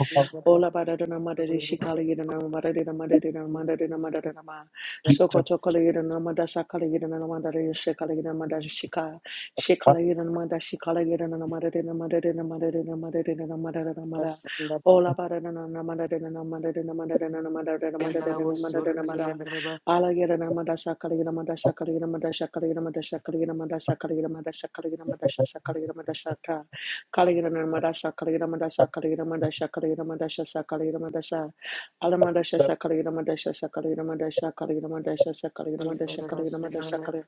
Ola bararana madare shikala yirana madare na madare na madare na madare na ma. Soko tokala yirana mada sakala yirana na madare shikala yirana madare shika. Shikala yirana mada shikala yirana na madare na madare na madare na madare na madare na madare. Ola bararana na madare na madare na madare na madare na madare na madare na madare. Ala yirana mada sakala yirana mada sakala yirana mada sakala yirana mada sakala yirana mada sakala yirana mada sakala yirana mada sakala yirana mada sakala. Kaligramandasha, Kaligramandasha, Kaligramandasha, Kaligramandasha, Kaligramandasha, Alamandasha, Kaligramandasha, Kaligramandasha, Kaligramandasha, Kaligramandasha, Kaligramandasha,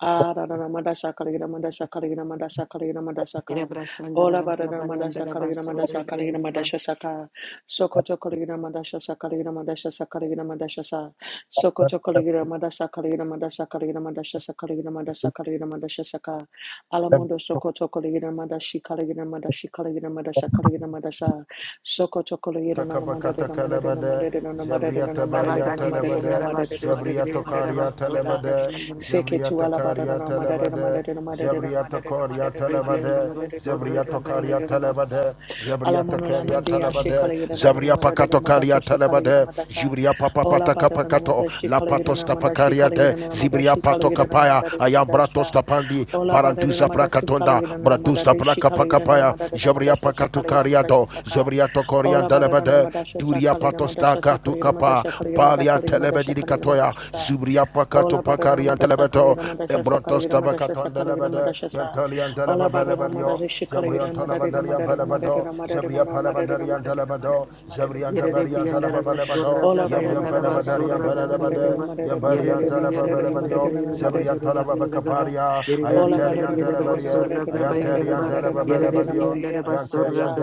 Ah, da da da, madasha kaligina, madasha kaligina, madasha kaligina, madasha Ere ka. brasandara Ola ba da da da, bala madasha andara kaligina, basore madasha kaligina, madasha briandibas saka. Sokoto kaligina, madasha sakaligina, madasha sakaligina, madasha sa. Sokoto kaligina, madasha kaligina, madasha kaligina, madasha sakaligina, madasha kaligina, madasha saka. Alamondo sokoto kaligina, madashi kaligina, madashi kaligina, madasha kaligina, madasa. Sokoto kaligina, na madare Takabakata na madada na Kalabade, madada na madada na Zebriata madada na Bariata Rabakati madada na Lebade, Briandaraba madada na madada na madada na Sur Zebriato madada na Briandaraba madada na Cariata Sur madada. Lebade, Briandaraba Seketu Zebriata ala badadada Cariata madadada Lebade, madadada madadada Zebriato madadada Coriata madadada Sur madadada Lebade, Briandaraba madadada Sur Zebriato madadada madadada Cariata madadada. Briandaraba Levade, Yabria Alamono la takaria mandia she talabade, kalayira na na Zabria mada de na pakato mada sa karia sa kalayira talabade, Jubria papa Ola pataka bada na na pakato, mada she La kalayira patos na mada she tapakaria de, kalayira na mada Zibria she pato kalayira na kapaya, mada de na mada Ayambratos tapandi, Ola bada de na Barantuza mada si prakatonda, kalayira na mada Bratuza de she kalayira na prakapakapaya, mada de na mada Jabria sa sa pakatu kalayira mada sa kariado, Zabria tokorian Ola bada na na talabade, mada sa sa Duria kalayira patos mada sa sa takatu kalayira mada kapa, sa kalayira mada Palia kalayira mada sa kalayira telebedicatoya, Zubria pakato Ola bada na na pakarian mada sa telebeto, kalayira mada sa sa Embrontos kalayira mada sa sa Tabakaton kalayira Delebede, sa. Yantalian Ola barara Delebabelebadio, madare Zembrian shikalayira madarira Tolabandarian madarira Pelebado, madarira madarira Zebria madarira Palabandarian madarira Delebado, madarira madarira Zebrian Yere Yere Deberian madarira every under madara. the bus, or Delebabelebado, Ola rabbi Yebrian barara under madarira Pelebandarian madarira Pelebade, madarira madarira madarira Yemberian madarira Telebabelebadio, madarira Zebrian madarira madarira madara. Tolabacaparia, Ola barara Ayanterian marara Delebede, marara marara Ayanterian marara marara Delebabelebadio, marara Ayanterian madasa.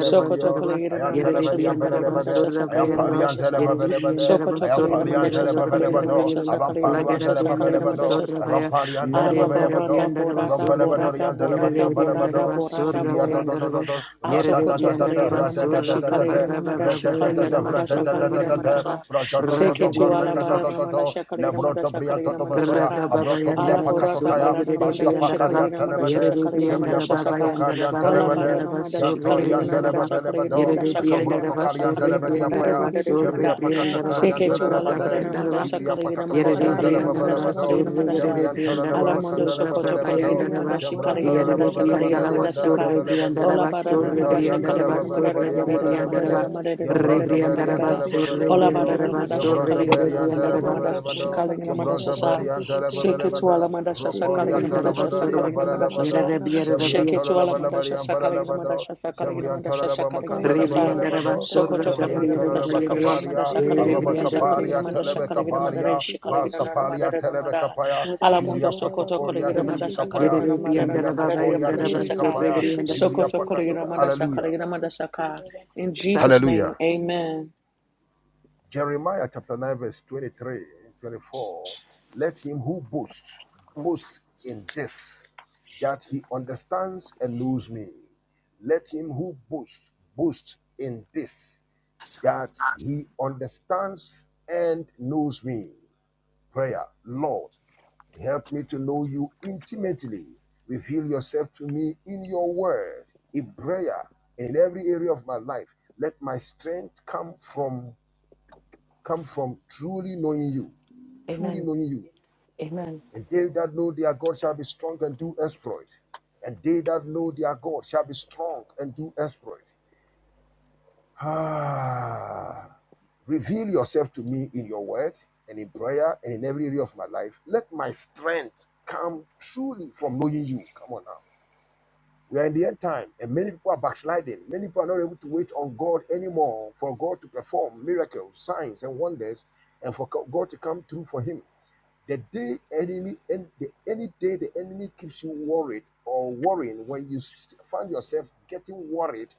Sokoto kolegira I na am madasha Telebelian sakalira Belebede, madasha I am sakalira Palian madasha sa. Telebelebede, I Sokoto am kolegira Palian madasha sakalira Telebelebado, madasha Aram sakalira Paluan madasha sakalira Telebelebado, madasha saka. Aram Palian Ala borata Telebelebado, Aram borata borata Belebadorian borata Telebelian borata Belebado, borata the Zibiria borata. bus, Dodododo, Asokoto Ratatatata, kolegira na madashi kolegira Ratatatata, na madashi kolegira na Ratatata, madasa kolegira Ratatatata, madasa. Seke Ratatoto, tu ala barara Yere Ratatato, madasha kolegira Lebroto madasa kolegira Briatoto madasa Yere de Batoya, ka. Abroto Bria Ala briandaraba borata surre, Pacatocaya, yere barana de Basta mandasha Pacaria briandaraba shikaligina mandasha Telebede, sakaligina Jebria mandasha saka. Pacatocarian Ola barana Telebede, mandashi surra kaligina Jantorian prabayandaraba. mandasa kaligina Telebabelebado, Yere de mandasa kaligina Asombroto briandaraba mandasa Karian surre, kaligina mandara Telebediapaya, briandaraba mandara surre, Jebria manda. Pacata Kuraba briandaraba Karian Seke tu surre, kontaraba ala Telebade, barana sekete mandasa kete. Zibria kaligina Pacata mandasa Korian Raita kaligina mandasa koraba Telebabelebado, kaligina kontaraba mandasa. Zebrian sekete Ala kete. mondo sokoto kaligina Telebabacandalebabelebado, Siriaba mandashi Zembran koraba kaligina mandasa kontaraba kaligina Telebabelebandarian sekete mandasa ka. kete. Telebabebadio, Ola barana mandasa Yandorian kaligina Sirerererererere mandara yere Telebabelebadian koraba mandara mandara briandaraba. Belebade, kontaraba mandara Re sekete. Yambranta mandara briandaraba Berianta mandara. Rebe surre, Ola Lebelebandio, barana briandaraba kerererererere. mandashi surre, Yambranta yere kaligina de Berianta mandara briandaraba. Raita mandashi Lebelebando, koraba kaligina mandasa Yambranta kontaraba sa. Berianta sekete kete kete. Lebelebanda, Sheketuala Mandasha Sakalagina Roporianta Mandasha Sirerererererere Andarabasorba, Lebadorian Sakalagina koraba Mandasha Sa Paralabado, kontaraba Yererebriandarabi, sekete. Zebrianta Sheketuala Mandasha Lebalabarian Sakalagina Paralabado, Mandasha Sakalagina Zebrianta Mandasha Sakalagina Lebamakanda Raita Mandasa koraba Lebelebado, Rebriandarabasor, kontaraba Sokoto Kalagina sekete Zebrianta kete. Mandasa Kalagina Lebacaparia, Mandasa Kalagina Araba Mandasa Yererebriandaraba, Kalagina Caparia, Mandasa Koraba Kalagina kontra Mandare Telebecaparia, basi kete Shikalagina kete. Namada Basapalia Namada Telebecapaya, Raita Alamundo Jibria koraba Sokoto Patocoria kontra Kalagina basi Mandasa Yererebriandaraba, kete Dilibicapaya, Kalagina kete Namada kete. Zibria Namada Yererebriandaraba, Tocoria Mandasha Yandarabasor, Saka Dilibicapaya, Regriandarabasar. Zibria Sokoto Pacatuca. Kalagina Koraba Mandasa kontra Hallelujah. Kalagina basi Mandasa kete Ka ria basi In kete. Jesus' name, Hallelujah. Amen. amen. Jeremiah chapter 9, verse 23, 24. Let him who boasts That's boast in this, that he understands and knows me. Let him who boasts boast in this, right. that he understands and knows me. Prayer, Lord, help me to know you intimately. Reveal yourself to me in your word, in prayer, in every area of my life. Let my strength come from come from truly knowing you, truly Amen. knowing you. Amen. And they that know their God shall be strong and do exploit. And they that know their God shall be strong and do exploit. Ah, reveal yourself to me in your word and in prayer and in every area of my life. Let my strength come truly from knowing you. Come on now. We are in the end time, and many people are backsliding. Many people are not able to wait on God anymore for God to perform miracles, signs, and wonders, and for God to come through for Him. The day enemy and the any day the enemy keeps you worried or worrying when you s- find yourself getting worried,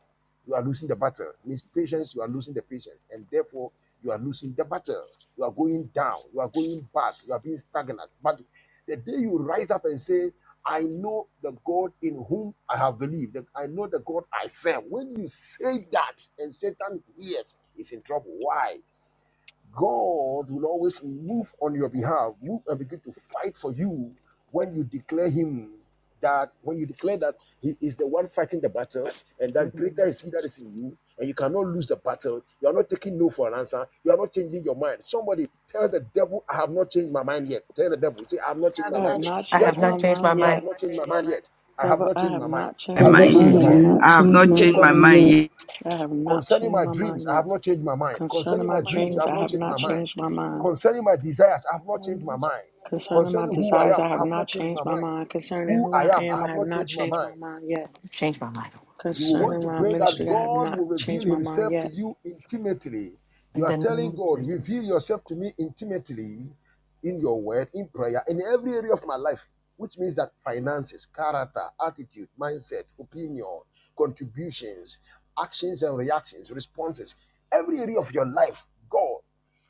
you are losing the battle. It Means patience, you are losing the patience, and therefore you are losing the battle. You are going down. You are going back. You are being stagnant. But the day you rise up and say, "I know the God in whom I have believed. that I know the God I serve." When you say that, and Satan hears, he's in trouble. Why? God will always move on your behalf, move and begin to fight for you when you declare Him that, when you declare that He is the one fighting the battle and that greater is He that is in you and you cannot lose the battle. You are not taking no for an answer. You are not changing your mind. Somebody tell the devil, I have not changed my mind yet. Tell the devil, say, I have not I changed have my I have mind. not Say, not changed I my changed have my not devil, mind changed yet. my mind I mind. have yet. not changed my mind yet. I have Devil, not I changed have my mind. not my changed mind my I mind Take yet. on I have not changed my mind yet. I have not Concerning changed my my dreams, mind I yet. have not changed my mind. Concerning Concerning Concerning my my my dreams, I dreams, have I not dreams, have changed I not my have mind. not changed my changed my mind. dreams. Concerning my desires, I have I not have changed my not changed mind. my Concerning desires. my Concerning who I desires, am, I I have have not not changed my changed my mind. mind. Concerning Who who I I am, I am, I have have not not changed my changed my mind. mind yet. I've changed my mind. You will Amen. want Concerning to my pray that ministry, I have God not will reveal changed my mind himself to yet. you intimately. You In are the name telling of God, Jesus. reveal yourself to me intimately in your word, in prayer, in every area of my life, which means that finances, character, attitude, mindset, opinion, contributions, actions and reactions, responses, every area of your life, God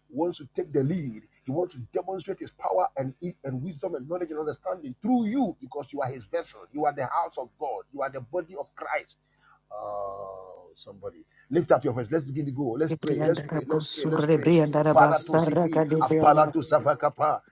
wants to take the lead. He wants to demonstrate his power and, e, and wisdom and knowledge and understanding through you because you are his vessel. You are the house of God. You are the body of Christ. Oh, somebody. Lift up your voice. Let's begin to go. Let's pray. Let's pray. Let's pray. Yerebriandarabosor, Let's pray. Balatu zifi, Rebriandarabasar, apalatu savakapa,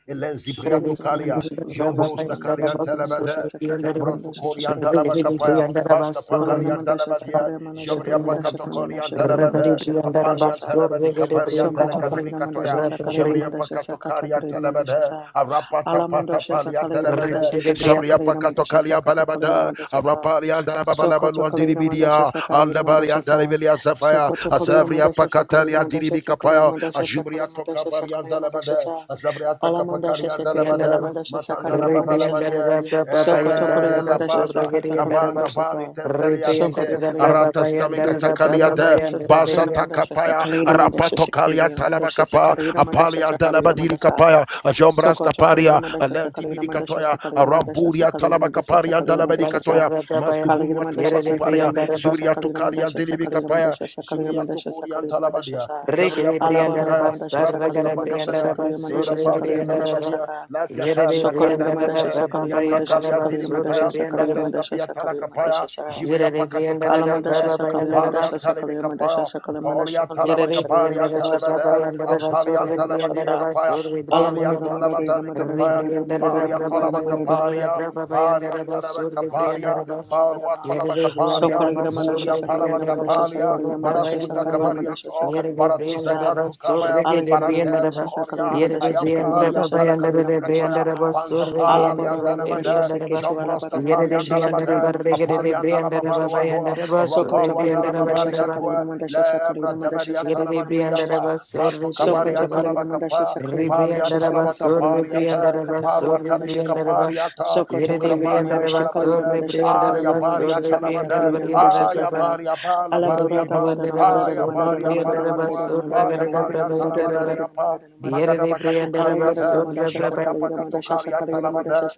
Rebriandara elenzibriatu kalia, jombrusta kalian telebede, zembrotu korian telebakapaya, basta pakalian telebedia, jobria pakato korian telebede, apandian <laughs> telebedi kaparian Sokoto telekaduri kalina Mandasha katoya, Sakaligna jobria Mandasha pakato Sakata karia karian Kaligna Mandasha telebede, Sa arapata pata Alamandasha palian Sakaligna telebede, Mandasha Sakata jobria Kaligna pakato Mandasha kalia Sakata Kaligna balabada, Mandasha Sa arapalian Sokoto Kaligna telebababaluan Mandasha Kapaya, Sakaligna Aldabalia Mandasha Sa Dalivilia Sapphire, Sokoto Kaligna Azavria Mandasha Sakaligna Pacatalia Mandasha Diribi Sakaligna Kapaya, Ajubria Mandasha Tokabalia Sakaligna Mandasha Sakaligna Mandasha Dalabade, Sa Azavria Alamandasha Takapacalia Sakati Dalabade, Alamandasha Matandala Sakaligna Mandasha Sa Babalabadia. Sokoto Kaligna Eh, la Mandasha bata, Sakata la Kaligna bata Mandasha bani Sa testelia dice, Sokoto Kalina arata stamika there's a takalia Kalina de, Mandasha basa Sakalina Mandasha takapaya, Sakalina Mandasha arapato kalia Sakalina Mandasha talabakapa, Sakalina Mandasha apalia Sakalina dalabadiri Mandasha kapaya, ajombras Soko Chokalina taparia, Mandasha alenti Sakalina Mandasha bidikatoya katoya Sakalina Mandasha aramburia Sakalina talaba Mandasha kaparia Sakalina dalabedi Mandasha katoya mastuburua talaba Sa Kalina kuparia Mandasha zubria Sakalina tokaria Mandasha delibi Sakalina Mandasha Sakalina kapaya Mandasha Sakalina zubria Mandasha tokoria Sakalina Mandasha talabadia Sa zebria Rekere Alaborana Briandaraba, pakatokaya Mandasha bratos Sakalina Saragara Mandasha tapakataya Briandaraba, Sakalina Mandasha zira Surre patia Sakalina Mandasha Briandaraba, talabadia Saka latia Yere talia Sokalina tatatia Briandaraba, Mandasha Sakalina Baba taya Mandasha takalia Yandaraba, Sakalina Surre Mandasha delikataya Sakalina bratas Briandaraba, Mandasha tapia Sakalina talakapaya Mandasha Sa zibria Yere pakatokaria Briandaraba, Alamadasha taya Sakala Baba apalia Madasha talibi Sakala kapaya Madasha Sakala Madasha apalia talaba Yarare Sakala kaparia Briandara Madasha Braba talabada Sakala Madasha Sakala Yandara Madasha Basur ampalia Sakala Madasha talabadiri Briandara Sa kapaya Basur Balia Alamada Briandara Bas madara, madara, talabadali madara, kapaya madara, Rebriandara madara, Baria madara, Braba madara, Yandara Tolabakabaria, madara, Braba madara, Baria Yandara Basur madara, madara, Talabakabaria, Briandara madara, Bas madara. Barua Na Yarare Tolabakabaria, Briandara Sokala Madasha Buria Basur Sakala Briandara Madasha Palabakabaria, Sakala Basur Madasha Braba Barasuta Yandara Bas Sakala Madasha Cavariato, Sakala Yarare Madasha Sa Briandara Baratuzakantu Basur Kabaya, Alagida na Barante Briandara mandasha Bas sakalina Pukoria, mandasha Yarare sakalina Briandara Ayampalia, mandasha Braba sakalina Balakaduri Yandara mandasha Katoya, Briandara saka. Basur Pantapalia, Briandara Alabora na Bas mandasha Dalabada, Rebriandara Bas seketu Jambrosta alabora na Palia, Yarare and mandasha Briandara sakalina Dalabada, mandasha Barregade Apalia, and sakalina Briandara mandasha Baba sa. Dalababaluandua, Yandara Basur Soko tokalina Briandara mandasha Barriera Rabaluandalababaria, sakalina mandasha lebra sakalina mandasha dabaria sakalina mandasha talabadiriapa sa. Ribriandaraba, so bato Soko kabaria Ribriandaraba, tokalina mandasha talabakapa sakalina balia mandasha Ribriandaraba, sakata so kalina mandasha talabakapariata Ribriandaraba, sakata so barua kalina mandasha sa. Ribriandaraba, talibikapariata Soko tokalina bukaparia mandasha Ribriandaraba, so kalina talabadia mandasha aya sakalina Ribriandaraba, so baria mandasha sakata talabada Ribriandaraba, kalina mandasha aya Yarababa, saka. baria bala Seketi baria so ba kolegira Ribriandaraba, mandasha aya so baria Ribriandaraba, balabadua so aya Ragarabra and Daraba, talabadariapa Yeribriandaraba, magadabakatukaria da so sa Rabraba kolegira mandasha sa kolegira talabada mandashi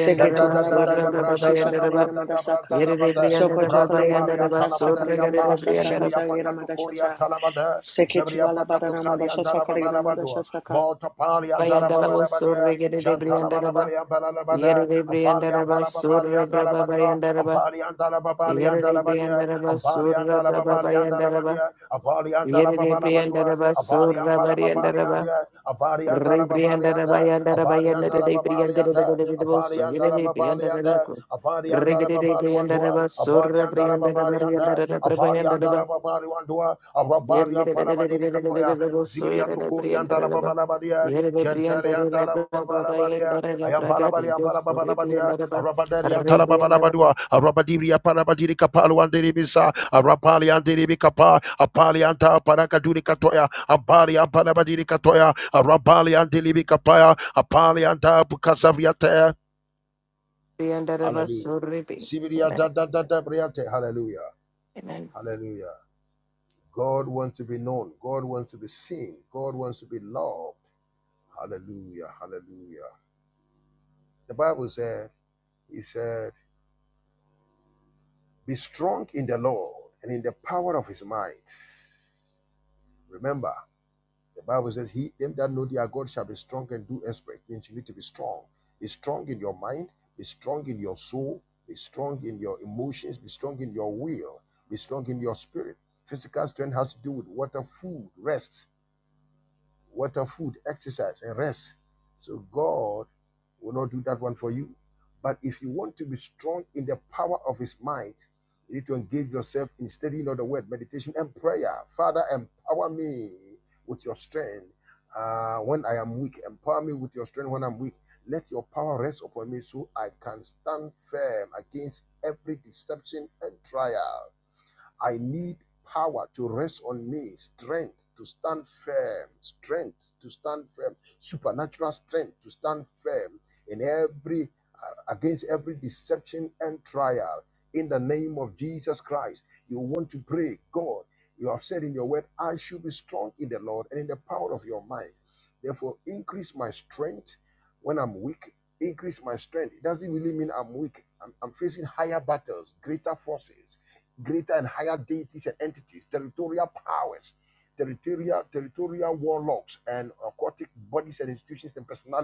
da da da Daraba, da da so da Rabraba da and da Daraba, brada brada brada da bada brada Yeribriandaraba and paria Daraba, talabaderia pa so jibria pacato coria talabada jibria pacato caria andalababalabado bota paria Bayandala was so reggae de Briandaraba. Yere de Briandaraba, Surra Braba Bayandaraba. Yere de Briandaraba, Surra Braba Bayandaraba. Yere de Briandaraba, Surra Bariandaraba. Abadi Re Briandaraba Yandaraba and Yandere de Dalababali and Briandaraba, Abadi so and Yere de Darababali and Briandaraba. Abadi and Regere de Darababali Wandua, Briandaraba, Abadi Surra and Darababari Briandaraba and Yandaraba Abadi and Brabayandaraba. Darababari Wandua, Amen. Arabaria Palabadiri Katoya, Zibiria Tokori and Darababalabadia, Gentile and Darababalabadia, I am Balabalia Balabalabadia, Arabadari and Tarababalabadua, Arabadiria Parabadiri Kapalu and Deribisa, Arapali and Deribikapa, Apali and Parakaduri Katoya, Abali and Palabadiri Katoya, Arabali and Delibikapaya, Apalianta Pukasaviate. Hallelujah. Hallelujah. Amen. Hallelujah. God wants to be known. God wants to be seen. God wants to be loved. Hallelujah. Hallelujah. The Bible said, He said, Be strong in the Lord and in the power of his might. Remember, The Bible says, He them that know their God shall be strong and do exploit. Means you need to be strong. Be strong in your mind, be strong in your soul, be strong in your emotions, be strong in your will, be strong in your spirit. Physical strength has to do with water, food, rest, water, food, exercise, and rest. So God will not do that one for you. But if you want to be strong in the power of his mind with your uh, weak and power weak, let you I confirm against everything and trial. I need power. stand firm, strength to stand firm, strength to stand firm in every again trial. In the name of Jesus, you want to pray, God. You have said in your word, I should be strong in the Lord and in the power of your might. Therefore, increase my strength when I'm weak. Increase my strength. It doesn't mean I'm weak. I'm, I'm facing higher battles, greater forces, greater and higher deities and entities, territorial powers, territorial warlocks, and personalities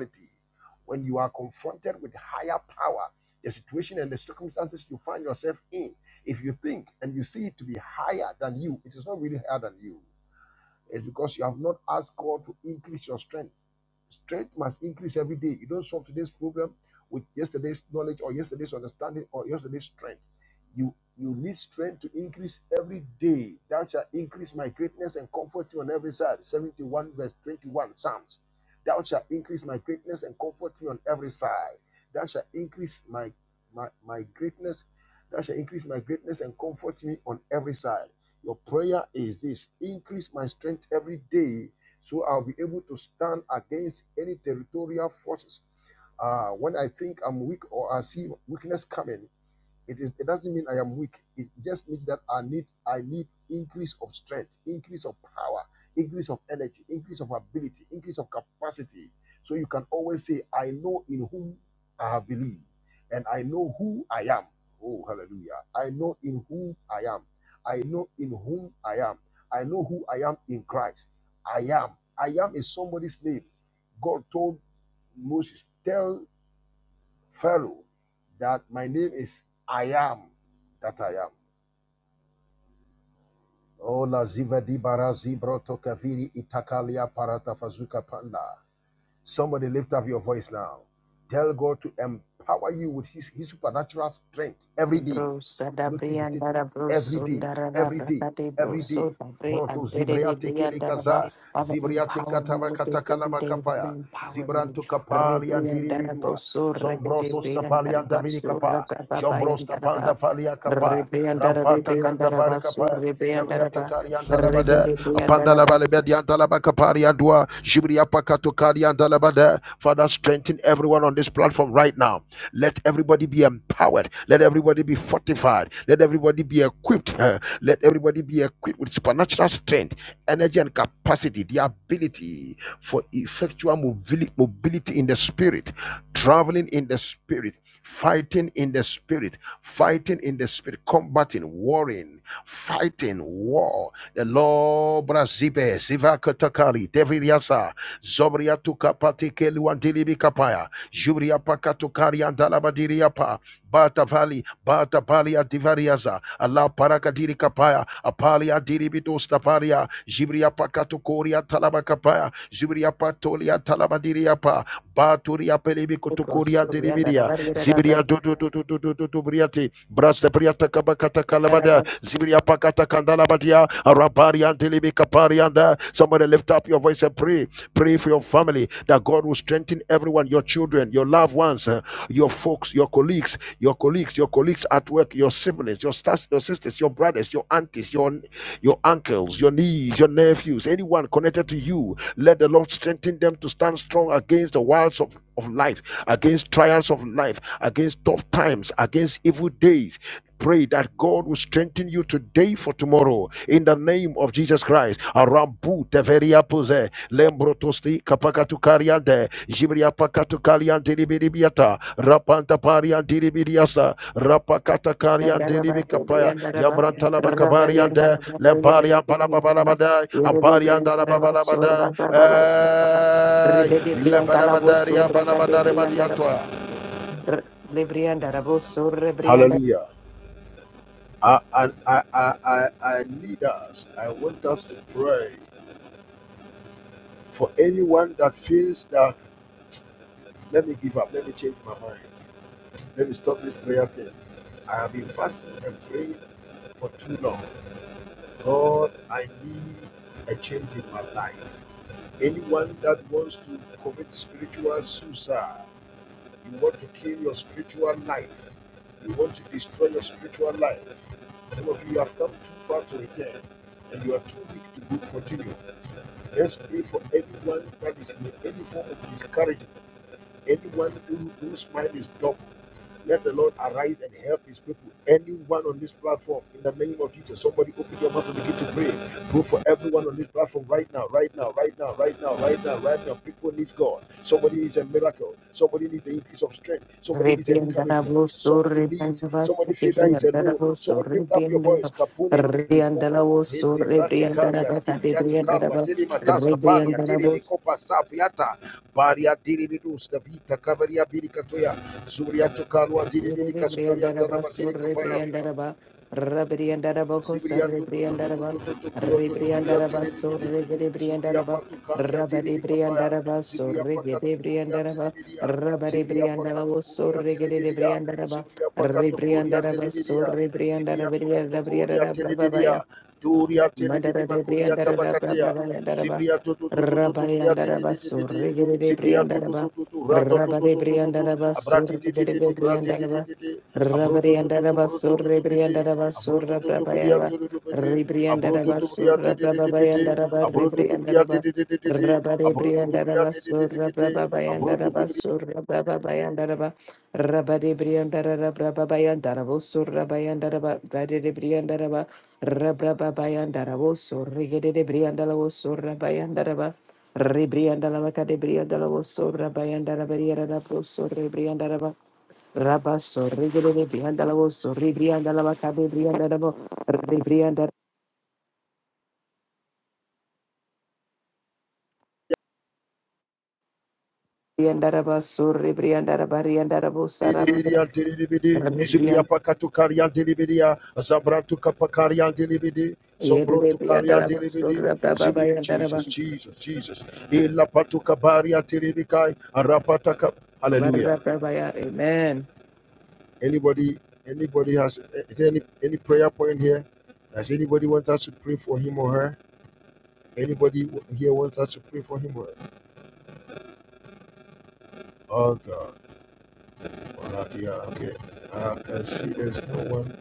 verse 21, Psalms. Thou shalt increase my greatness and comfort me on every side. Thou shalt increase my, my, my greatness. Thou shalt increase my greatness and comfort me on every side. Your prayer is this increase my strength every day so I'll be able to stand against any territorial forces. Uh, when I think I'm weak or I see weakness coming, it is. It doesn't mean I am weak. It just means that I need. I need increase of strength, increase of power, increase of energy, increase of ability, increase of capacity. So you can always say, "I know in whom I have believed, and I know who I am." Oh, hallelujah! I know in whom I am. I know in whom I am. I know who I am in Christ. I am. I am is somebody's name. God told Moses, "Tell Pharaoh that my name is I am that I am. Oh, la ziva di barazi broto kaviri itakalia parata fazuka panda. Somebody lift up your voice now. Tell God to empower you with his, his supernatural strength every day. Bros and Notice Abri the and statement. Darabros, Every day, Sundarara, every day, Brakati every Bros, so day. Abri Broto and Dede zibriate and Daraba, kelikaza, Father, zibriate empower me katava with this every katakalaba day, Father, kapaya, empower me. zibranto kapali Rebri and Darabos, andiribidua, so zombroto Rebri and skapali Daraba, andavini so kapa, Rababa jombros and kapanda Daraba, falia kapa, Rebri and rampata Darabri and kandabare Daraba, so kapa, Rebri and jabriata Daraba, kari Rebri and Apandala Daraba, so balebedi andala bakapari andua. Shibri apakato kari andala bada. Father, strengthen everyone on this platform right now. Let everybody be empowered. Let everybody be fortified. Let everybody be equipped. uh, Let everybody be equipped with supernatural strength, energy, and capacity, the ability for effectual mobility in the spirit, traveling in the spirit, fighting in the spirit, fighting in the spirit, combating, warring, fighting war Lo Brazibe, Ziva Katakali, Deviriasa, Zobria Tukapati Keluandili Kapaya, Jubria Pakatukari and Dalabadiriapa, Bata Vali, Bata Palia Divariaza, Allah Parakadiri Kapaya, Apalia Diribitos Taparia, Jibria Pakatukoria Talabakapaya, Zubria Patolia Talabadiriapa, Baturia Pelibikutukuria Rebri Diribiria, and Zibria Dudu Dudu Dudu Dudu Briati, Brasta Priata Kabakata Kalabada, Daraba, Zibiria pakata kandala badia. Arabari andilibi kapari anda. Somebody lift up your voice and pray. Pray for your family that God will strengthen everyone, your children, your loved ones, uh, your folks, your colleagues, your colleagues, your colleagues at work, your siblings, your stars, your sisters, your brothers, your aunties, your your uncles, your nieces, your nephews, anyone connected to you. Let the Lord strengthen them to stand strong against the wiles of, of life, against trials of life, against tough times, against evil days Pray that God will strengthen you today for tomorrow in the name of Jesus Christ. Arambu teveria pose lembrotosti kapakatu kariante jibria pakatu kariante libiribiata rapanta pariante libiriasa rapakata Rebriandara kariante libikapaya yambranta laba kabariante lemparia palababalabada amparianta lababalabada eh lebarabadaria balabadare badiatwa. Hallelujah. I, I, I, I, I I need us. I want us to pray for anyone that feels that let me give up, let me change my mind, let me stop this prayer thing. I have been fasting and praying for too long. God, I need a change in my life. Anyone that wants to commit spiritual suicide, you want to kill your spiritual life, you want to destroy your spiritual life. Some of you have come too far to return and you are too weak to continue. Let's pray for anyone that is in any form of discouragement, anyone who, whose mind is blocked. Let the Lord arise and help his people. Anyone on this platform, in the name of Jesus, somebody open your mouth and begin to pray. Pray for everyone on this platform right now, right now, right now, right now, right now, right now. People need God. Somebody needs a miracle. Somebody needs the increase of strength. Somebody needs encouragement. Somebody needs, somebody feel that he's alone. Somebody lift up your voice. Kapune, ripoko. Resti pratikaria stipriata kalwa tele matasta palia tele nikopa safiata baria tele vidus vita kavaria birikatoya Zuriato to Karwa Diri Bidi Yere Kastoria Briandaraba, Tanabatiri Surre Kapaya Briandaraba, Rabriandaraba, Zibriya Hosare to to to to Briandaraba, to to to to priya tu tu priya Rebriandaraba, tiri di di. Surre Gede Zubriya Briandaraba, patu kaliya tiri Rabadi di kapaya. Briandaraba, Zibriya Surre pakatu Gede kuriya tiri Briandaraba, bidiya. Rabadi Zibriya pakatu Briandarabo, kuriya Surre tiri Gede bidiya. Briandaraba, Zibriya pakatu kuriya tiri Rebriandaraba, bidiya. Surre Zibriya tu tu Briandaraba, tu kuriya tiri Rabriandarabaya, bidiya. Duriya tiri bidi Mandara de makuriya kabakatiya. Briandaraba, Zibriya tu tu tu tu tu Rabayandaraba, Surre Gede Zibriya tu tu tu Briandaraba, tu tu rato tu to Rabari to to tu tu. Briandaraba Sur Abrati di di di di Gedigo brati di di Briandaraba to to to Rabari tu tu to Andaraba brutu Sur tu tu bidi. Rebriandaraba Abroto Surra to to bria Brabayava to to bete. Abroto Rebriandaraba to bria te Surra te te te bete. Brababayandaraba Abroto to bria te Rebriandaraba te te te te te. Rabari Abroto to bria Briandaraba te te te te Surra bete. Abroto to Brababayandaraba bria Surra Brababayandaraba Rabari Briandaraba Brababayandaraba Surra Bayandaraba Badiri Briandaraba Rabrababayandaraba Surri Gedede Briandaraba Surra Bayandaraba Rebrianda la vaca de brianda la oso, rabayanda la barriera da poso, rebrianda la va- rabaso, regalo de brianda la oso, rebrianda la vaca de brianda la vo- rebrianda rebrianda la baso, rebrianda la barrianda la bosa, Liberiante libede, Zibria rebrianda pacato cariante liberia, Zabrato capacariante libede, yede de Sombroto brianda la caliante baso, libede, Zibri, rababayanda la va- Jesus, Jesus, Jesus, Illa patuca bariante libicai, Arapataca, Hallelujah. barababaya. Amen. Anybody, anybody has, is there any, any prayer point here? Does anybody want us to pray for him or her? Anybody here wants us to pray for him? Or, oh God, Well, yeah, okay. I can see there's no one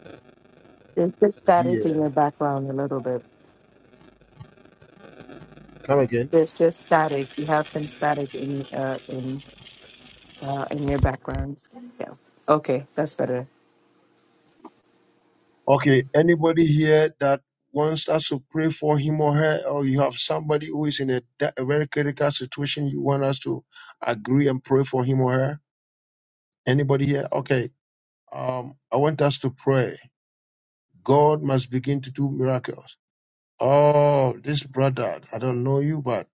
There's just static in here. your background a little bit. Come again. There's just static. You have some static in uh in uh in your background. Yeah. Okay, that's better. Okay, anybody here that wants us to pray for him or her, or you have somebody who is in a, da- a very critical situation, you want us to agree and pray for him or her? Anybody here? Okay, um, I want us to pray. God must begin to do miracles. Oh, this brother, I don't know you, but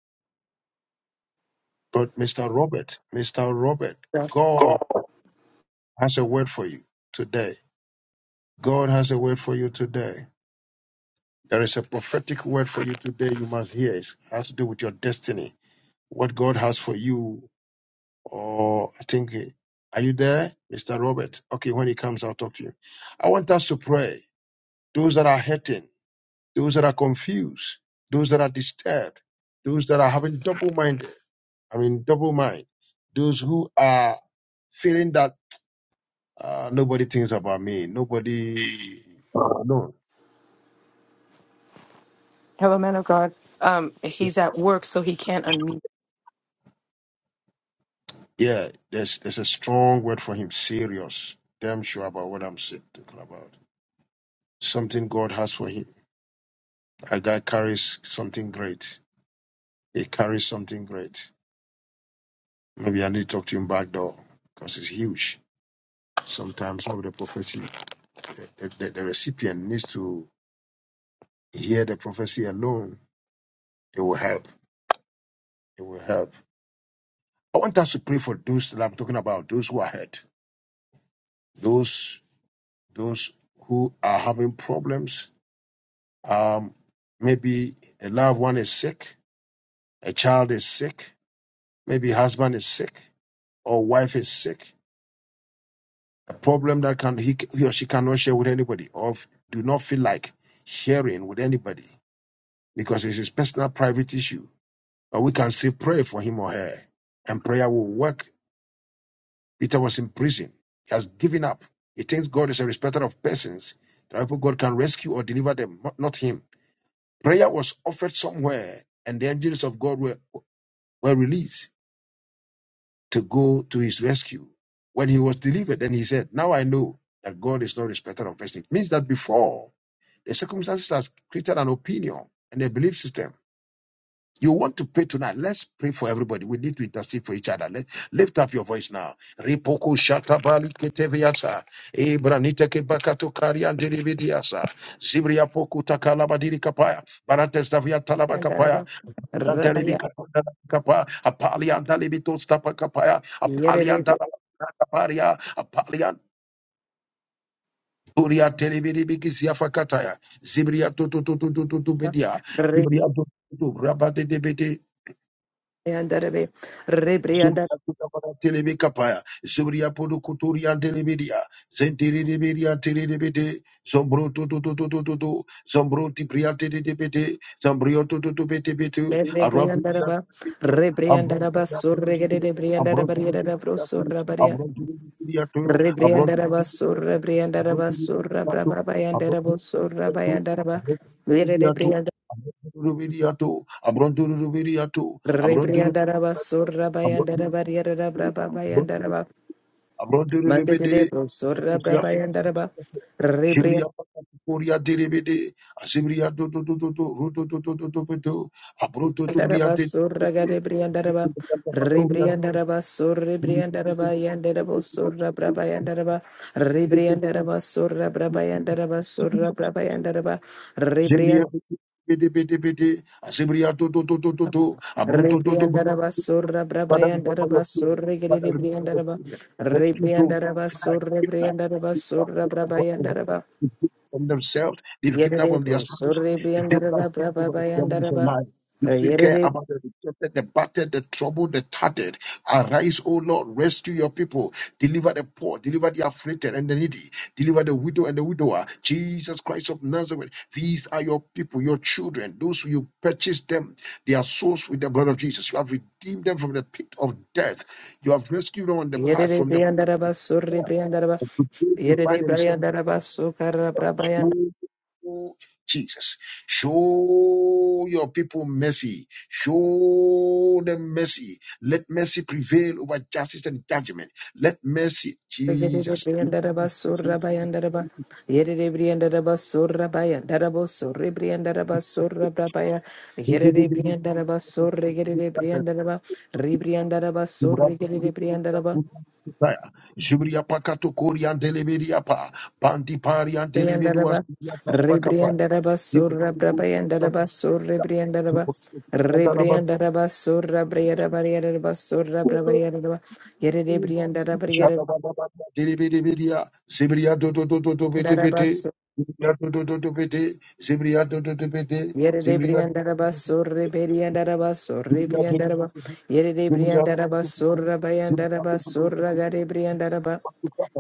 but Mr. Robert, Mr. Robert, Yes. God. has a word for you today. God has a word for you today. There is a prophetic word for you today. You must hear. It has to do with your destiny. What God has for you, or I think, eh, are you there, Mr. Robert? Okay, when he comes, I'll talk to you. I want us to pray. Those that are hurting, those that are confused, those that are disturbed, those that are having double minded, I mean, double mind, those who are feeling that uh, nobody thinks about me, nobody knows. Hello, man of God. Um, he's at work, so he can't unmute. Yeah, there's there's a strong word for him. Serious. Damn sure about what I'm sa- talking about. Something God has for him. A guy carries something great. He carries something great. Maybe I need to talk to him back door because it's huge. Sometimes some of the prophecy, the, the, the recipient needs to hear the prophecy alone. It will help. It will help. I want us to pray for those that I'm talking about. Those who are hurt. Those those who are having problems Um, maybe a loved one is sick, a child is sick, maybe husband is sick, or wife is sick. A problem that can he, he or she cannot share with anybody, or f- do not feel like sharing with anybody because it's his personal private issue. But we can still pray for him or her, and prayer will work. Peter was in prison; he has given up. He thinks God is a respecter of persons. Therefore, God can rescue or deliver them, not not him. Prayer was offered somewhere, and the angels of God were, were released to go to his rescue. When he was delivered, then he said, Now I know that God is not respected of persons. It means that before the circumstances has created an opinion and a belief system. You want to pray tonight. Let's pray for everybody. We need to intercede for each other. Let, lift up your voice now. Ripoko shatabali keteviasa. Ebranite kebakato karian delividiasa. Zibria poku takalabadiri kapaya. Baratestaviatalabakapaya. Yandaraba, Antalibi rabaya, kapanda kapa apali antalibi to stapa kapaya apali yererebe, antala kaparia apali anturia telebiri bikisi afakataya zibria tu tu tu tu tu tu tu bedia re- zibria tu tu rabate de rebrianda- Telebekapaya, Zubria Podukuturia Telebedia, Zentiriberia Telebede, Zombro to to to to to to to, Zombro Tipriate de Debete, Zambrio to to to bete betu, Arampia rebriandaraba, to, rebriandaraba, Ambrotia to surregede, the rebriandaraba, Ambrotia to yererabro, the surrabaria, Ambrotia to the Ambrotia rebriandaraba, surrebriandaraba, to surrabrababa, yandarabo, Ambrotia to Ambrotia to yererebrianda- Abronto Rubiriato, Abronto Rubiriato, rebriandaraba, Abronto surrabayandaraba, yererabrababa, Mande de Abrondirebede, debro, sorra brabayandaraba, rebriandaraba, Jibria Korea Derebede, Asibria do do do do do, Ruto do do do do do do, Abroto to Briate, sorra garebriandaraba, Capatoria, rebriandaraba, sorra briandaraba, yandarabo, sorra brabayandaraba, rebriandaraba, sorra brabayandaraba, sorra brabayandaraba, Zebria rebrian, Bede Bede Bede, Asibria do do do do do do, Abroto do do rebriandaraba, sorra Father, remember your brabayandaraba, children. sorra Father, remember your garebriandaraba, children. Rescue those rebriandaraba, who are sorra given up. briandaraba, People are sorra given up on- brabayandaraba, They've given up on themselves. They've given yere up on their debro, salvation. sorra And they will briandaraba, speak over the devilish alive. You still care brabayandaraba, about the rejected, the battered, the troubled, the tattered. Arise, O Lord, rescue your people. Deliver the poor, deliver the afflicted and the needy. Deliver the widow and the widower. Jesus Christ of Nazareth. These are your people, your children, those who you purchased them they are souls with the blood of Jesus. You have redeemed them from the pit of death. You have rescued them on the path Yerere from the briandaraba power surri briandaraba. of the grave. You find Yerere themselves before. briandaraba sukara brabayanda. Oh, Jesus, show me, show them mercy. Let mercy prevail over justice and judgment. Let mercy, Yerere Jesus. briandaraba surra bayandaraba. Yerere briandaraba surra bayandarabo surri briandaraba surra brabaya. Yerere briandaraba surri yerere briandaraba. Ribriandaraba surri yerere briandaraba. Zubria pakato korian delebediapa, bandi parian delevedua Briandaraba, Rebriandaraba, Surra Brabayandaraba, Surra Briandaraba, Rebriandaraba, Surra Briandaraba, Surra Brabayandaraba, Yere Briandaraba, Diribidibidia, Zibria do do do do do bete bete, Zibria do do do do bete, Zibria do do do bete, Yere de Zibria do do briandaraba do sorre beriandaraba do, sorre Zibria do do do briandaraba. do, Yere de Zibria do briandaraba do do sorra do, Zibria do bayandaraba do do do, sorra Zibria. gare briandaraba.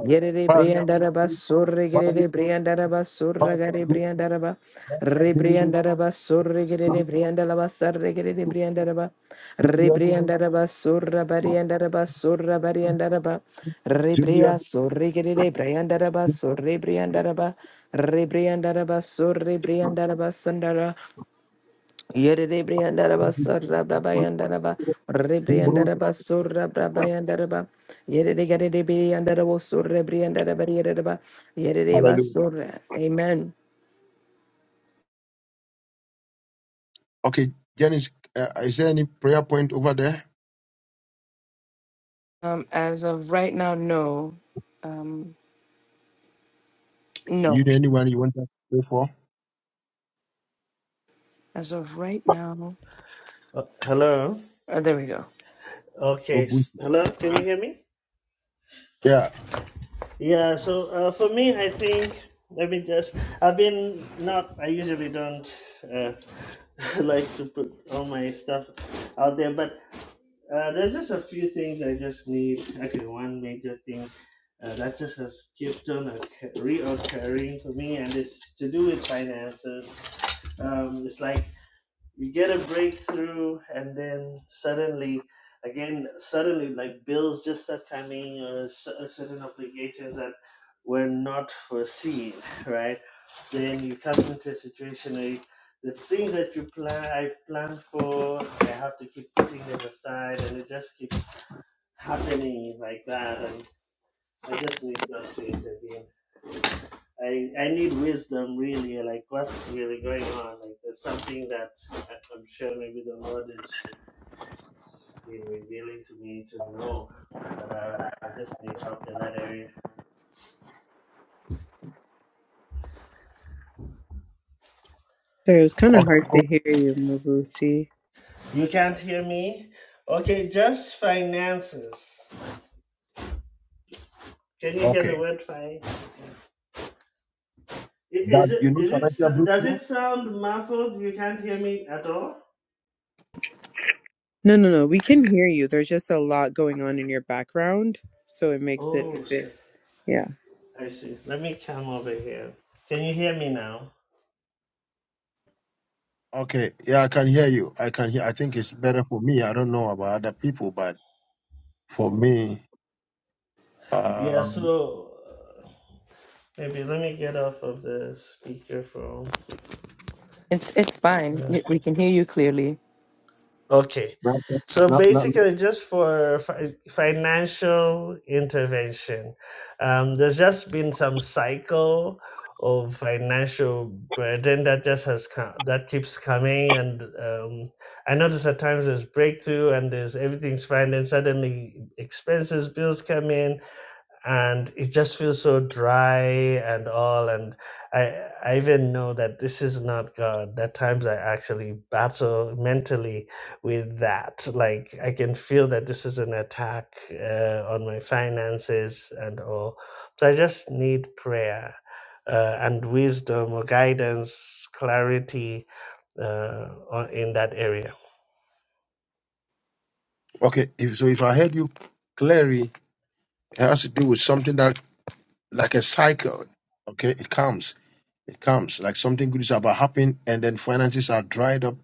Yere de Maria, briandaraba sorre gere Maria, de briandaraba sorra Pasa, gare briandaraba. Re Zibria, briandaraba sorre gere de briandaraba sarre gere de briandaraba. Re Zibria do do, briandaraba sorra bariandaraba sorra bariandaraba. Re Zibria bria sorre gere de briandaraba sorre briandaraba. Rebriandarabasur, Rebriandarabasandara, Yere Rebriandarabasur, Rabrabayandaraba, do do. Rebriandarabasur, Rabrabayandaraba, Yere Rebriandarabasur, Rebriandarabariereba, Yere Hallelujah. Rebasur. Amen. Okay, Janice, uh, is there any prayer point over there? Um, as of right now, no. Um, no. You know anyone you want us to pray for? As of right now, Uh, hello. oh, there we go. Okay. s- Hello. Can you hear me? Yeah. Yeah, so uh, for me, I think let me just. I've been not. I usually don't uh, <laughs> like to put all my stuff out there, but uh, there's just a few things I just need. Actually, one major thing uh, that just has kept on occur- reoccurring for me, and it's to do with finances. Um, it's like you get a breakthrough and then suddenly again suddenly like bills just start coming or cer- certain obligations that were not foreseen right then you come into a situation where you- the things that you plan i've planned for i have to keep putting them aside and it just keeps happening like that and i just need god to intervene I, I need wisdom really like what's really going on like there's something that I- i'm sure maybe the lord is been revealing to me to know that I, I just need help in that area. Sorry, it was kind of Okay. hard So, to hear you, Mabusi. You can't hear me? Okay, just finances. Can you hear the okay. word finance? Is That you it know, is it Shalatia does Blue. it sound muffled? You can't hear me at all? No, no, no. We can hear you. There's just a lot going on in your background, so it makes it a Oh, bit. sir. Yeah. I see. Let me come over here. Can you hear me now? Okay, yeah, I can hear you. I can hear. I think it's better for me. I don't know about other people, but for Okay. me, Yeah, um, so uh, maybe let me get off of the speakerphone. It's it's fine. Uh, Y- We can hear you clearly. Okay. not- So not- not- not- basically, just for fi- financial intervention, um, there's just been some cycle of financial burden that just has come, that keeps coming, and um, I notice at times there's breakthrough and there's everything's fine, and suddenly expenses, bills come in, and it just feels so dry and all and i i even know that this is not god at times i actually battle mentally with that like i can feel that this is an attack uh, on my finances and all so i just need prayer uh, and wisdom or guidance clarity uh, on- in that area okay. If, so if I heard you clearly, it has to do with something that, like a cycle. Okay, it comes, it comes. Like something good is about happening, and then finances are dried up,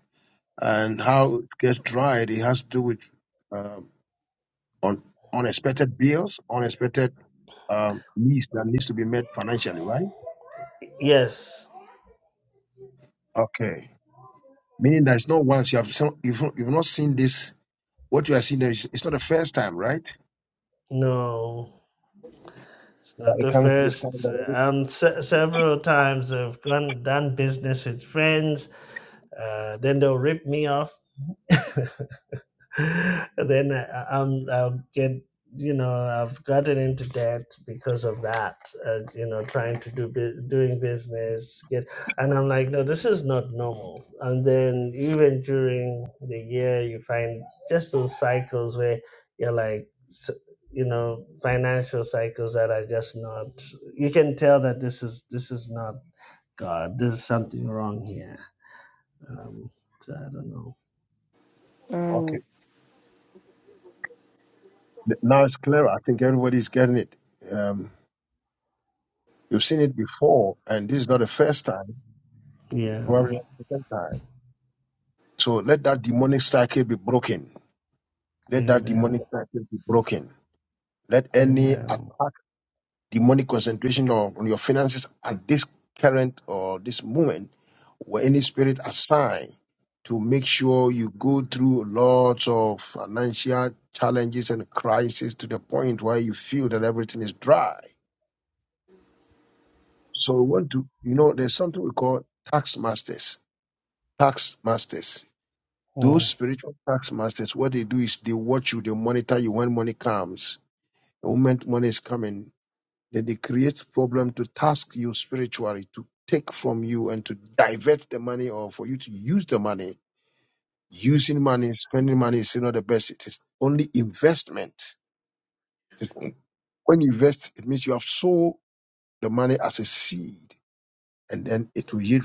and how it gets dried, it has to do with um, on unexpected bills, unexpected um, needs that needs to be met financially, right? yes Okay. Meaning that it's not once you have some, you've, you've not seen this. What you are seeing there is it's not the first time, right? no It's That not it the comes. from- first. Um, se- several times I've gone done business with friends. Uh, then they'll rip me off. <laughs> <laughs> then I, I'm I'll get you know I've gotten into debt because of that. Uh, you know, trying to do bu- doing business get, and I'm like, no, this is not normal. And then even during the year, you find just those cycles where you're like. s- You know, financial cycles that are just not. You can tell that this is this is not God. There's something wrong here. Um, so I don't know. Okay, Mm. Th- now it's clearer. I think everybody's getting it. Um, you've seen it before, and this is not the first time. Yeah. Probably not the second time. So let that demonic cycle be broken. Let that Amen. demonic cycle be broken. Let any Amen. attack, demonic concentration on, on your finances at this current or this moment, or any spirit assigned to make sure through lots of financial challenges and crises to the point where you feel that everything is dry. So we want to, you know, there's something we call tax masters. Tax masters. Those Mm. spiritual tax masters, what they do is they watch you, they monitor you when money comes. The moment money is coming, then they create problem to task you spiritually to take money. Using the money is it is only it is when you invest of sow the money seed and to yield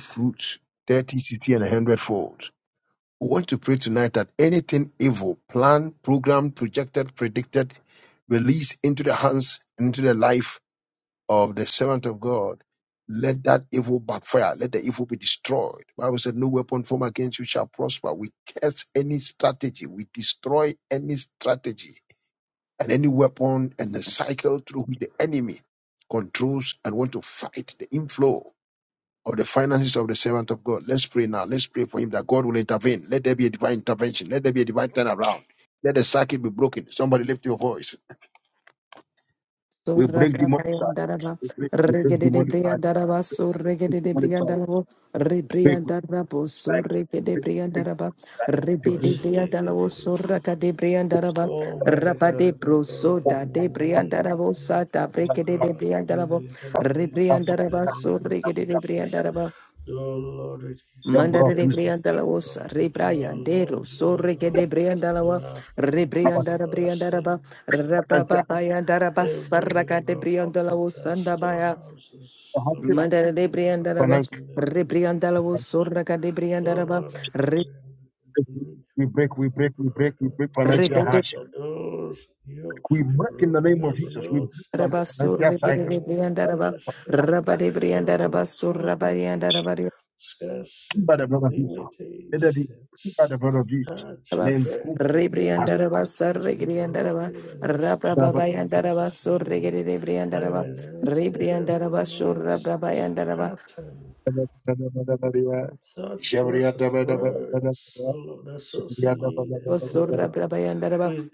thirty, sixty, 60, and 100. We want to pray tonight that anything evil, planned, programmed, projected, predicted, released into the hands, into the life, of God, Lord, but we destroy the enemy controls and want to fight the inflow of the finances of the servant of God. Let's pray now. Let's pray for him that God will intervene. Let there be a divine intervention. Let there be a divine turnaround. Let the circuit be broken. Somebody lift your voice. We Surra break demonic cycle. Briandaraba, We break, we break Regede de demonic cycle. Briandaraba, We break Surregede de demonic cycle. Briandarabo, Break, Rebriandarabo, break, Surregede break, Briandaraba, Rebede break, Washiye Briandarabo, keterebo. Surraka de Oh Briandaraba, Almighty Rabade God, we call upon Brosoda your de name. Briandarabo, Thank Sata, you, O Brekede de God, for your Briandarabo, intervention in the Rebriandaraba, name of Surregede de Jesus. Briandaraba, Oh Lord, we Mandare de declare, Briandala oh was God, that you are Rebraya Dero, Lord, you so are Reke de God Briandalawa, of our break, finances, of Rebriandara our Briandaraba, savings, oh break. God, of Rababaya every Darabasaraka of de our Briandala pockets, was our Sandabaya. the storehouses, the hardship, work Mandare of de our Briandaraba, financial. hearts, in the name of Rebriandala was Jesus, Lord. Soraka de Oh Briandaraba, God, I pray and agree breakthrough. We with break, we my break, we break, we brethren, break Lord financial Rebede hardship. that those yokes We be break in the broken, name of those Jesus. We break yokes from the Rabasur of financial Reke cycle. de That's financial Briandaraba, restraint, Rabba de of Briandaraba, poverty, sur key by the scarcity, blood of Jesus. Let that be key by limitations, the blood of Jesus. hardship, Let go. beggary, in the name Rebriandaraba, of Jesus, be broken Sarregriandaraba, and destroyed in Rabrababayandaraba, Jesus' name. I Sorregriandaraba, renounce every Rebriandaraba, mindset, Surrabrabayandaraba, pattern, thought Jabria process, daba daba daba words, daba. oh Lord, Jabria daba daba associated, daba oh daba God Osurrabrabayandaraba, with.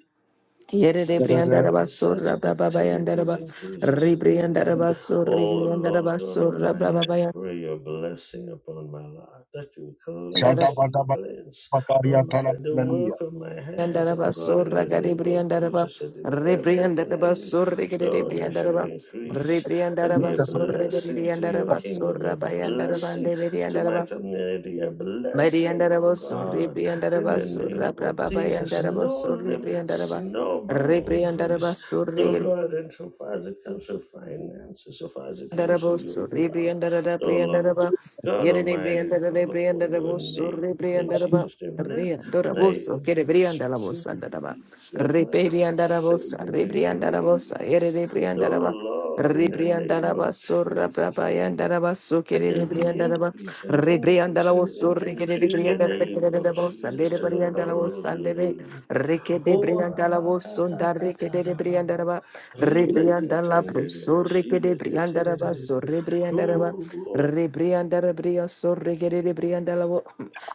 such daba daba. Yerebriandaraba, such activities Surrabrababayandaraba, in Jesus' name. Rebriandaraba, Oh Lord Sorregriandaraba, God Almighty, I Surrabrababayandaraba. pray your blessing upon my life that you cleanse Shadaba me, daba cleanse my bakaria tala. mind, the work Hallelujah. of my hands, Yandaraba oh God, in sorra the name of garibriandaraba Jesus, and in everything I rebriandaraba do, sorra Lord, I shall garibriandaraba increase and be rebriandaraba a sorra blessing to your garibriandaraba kingdom, a sorra bayandaraba blessing andebri to my andaraba community, a Mary and blessing, oh Arabos, God Ribri and in the Arabas, name Rabra of Baba and Jesus. Arabos, No Ribri and limits, Araba, no Ribri and boundaries. Arabas, Oh God, and so far as it comes to finances, so far as it comes to your Darabosur, wealth, Rebriandaraba, oh Lord. Briandaraba, God Yere Almighty, I call Briandare, upon your Briandarabosur, name in Rebriandaraba, Jesus' name. Let my Reandorabosur, investments Kerebriandarabos, Andaraba, increase. Let my Rebriandarabosa, savings Rebriandarabosa, Yere increase. Briandaraba, Oh Lord, in the name of Rebriandaraba, Sura Jesus. Brabayandaraba, And Sukere there be Briandaraba, increase and increase and Rebriandarabosur, increase in the name of Jesus to the glory of Rebriandarabosa, your name. Reke de Oh, brianda la Rabakata vosonda reke de Kata de brianda Rababa. raba rebrianda la bro so reke de brianda raba so rebrianda raba rebrianda rabria so reke de de brianda la vo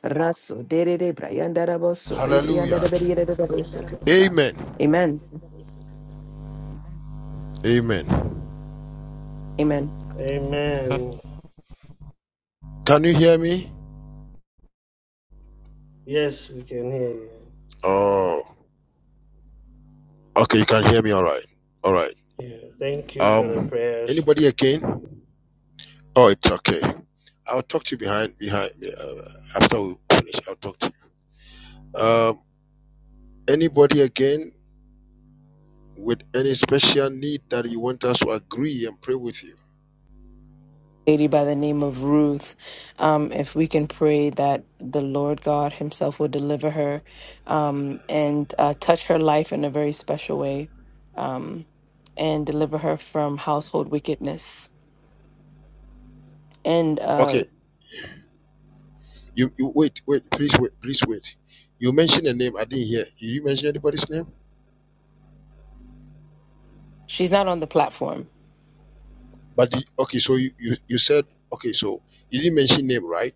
raso de de de brianda raba so rebrianda Hallelujah. de brianda de de so kesaba. Amen. Amen. Amen. Amen. Amen. Can you hear me? Yes, we can hear you. Oh, okay. All right. Yeah, thank you for the prayers. After. we- uh, with any daddy and pray with you. lady by the name of Ruth. Um, if we can pray that the Lord God Himself will deliver her um, and uh, touch her life in a very special way um, and deliver her from household wickedness. And uh, Wait, you mean here anybody's name? she's not on the platform. But the, okay, so you, you you said okay, so you didn't mention name, right?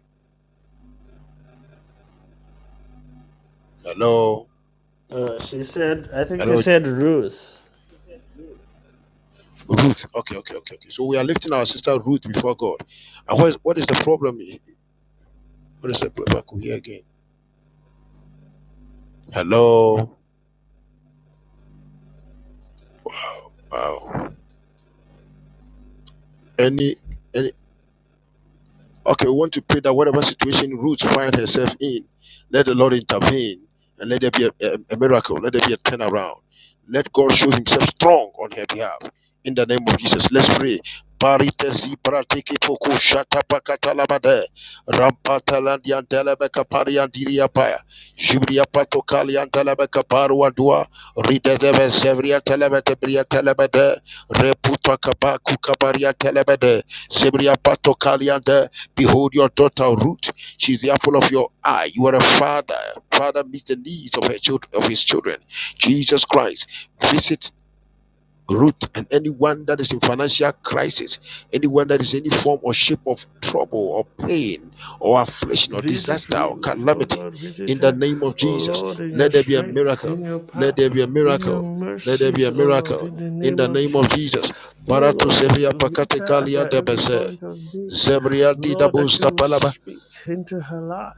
Hello, Uh, she said, I think she hello, said Ruth. Ruth. Okay, okay, okay, okay. So we are lifting our sister Ruth before God. And what is, what is the problem? What is the problem? I could hear again. Hello, wow. Any any in the Talaba there, Rampatalandian Delebeka Parian Diria Paya, Jubria Patokalian Delebeka Parua Dua, Rida Telebede, Pakapa Kukabaria Telebede Zebria Pato Kaliande. Behold your daughter Ruth. She's the apple of your eye. You are a father. Father meets the needs of her children of his children. Jesus Christ. Visit Ruth and anyone that is in financial crisis, anyone that is in any form or shape of trouble or pain or affliction or Visit disaster or Ruth, O calamity, God, visit in the her, name of O Jesus, Lord, in your let there be a strength, miracle. in your Let power, there be a in your miracle. Let there be mercies, a O Lord, miracle. in the In name the of name of Jesus. Jesus, O Barato Lord, that Sevilla you meet Pakate her at Kalia her every Debese, point of need. Zebria Lord, that Didabus you will Tapalaba. speak into her life.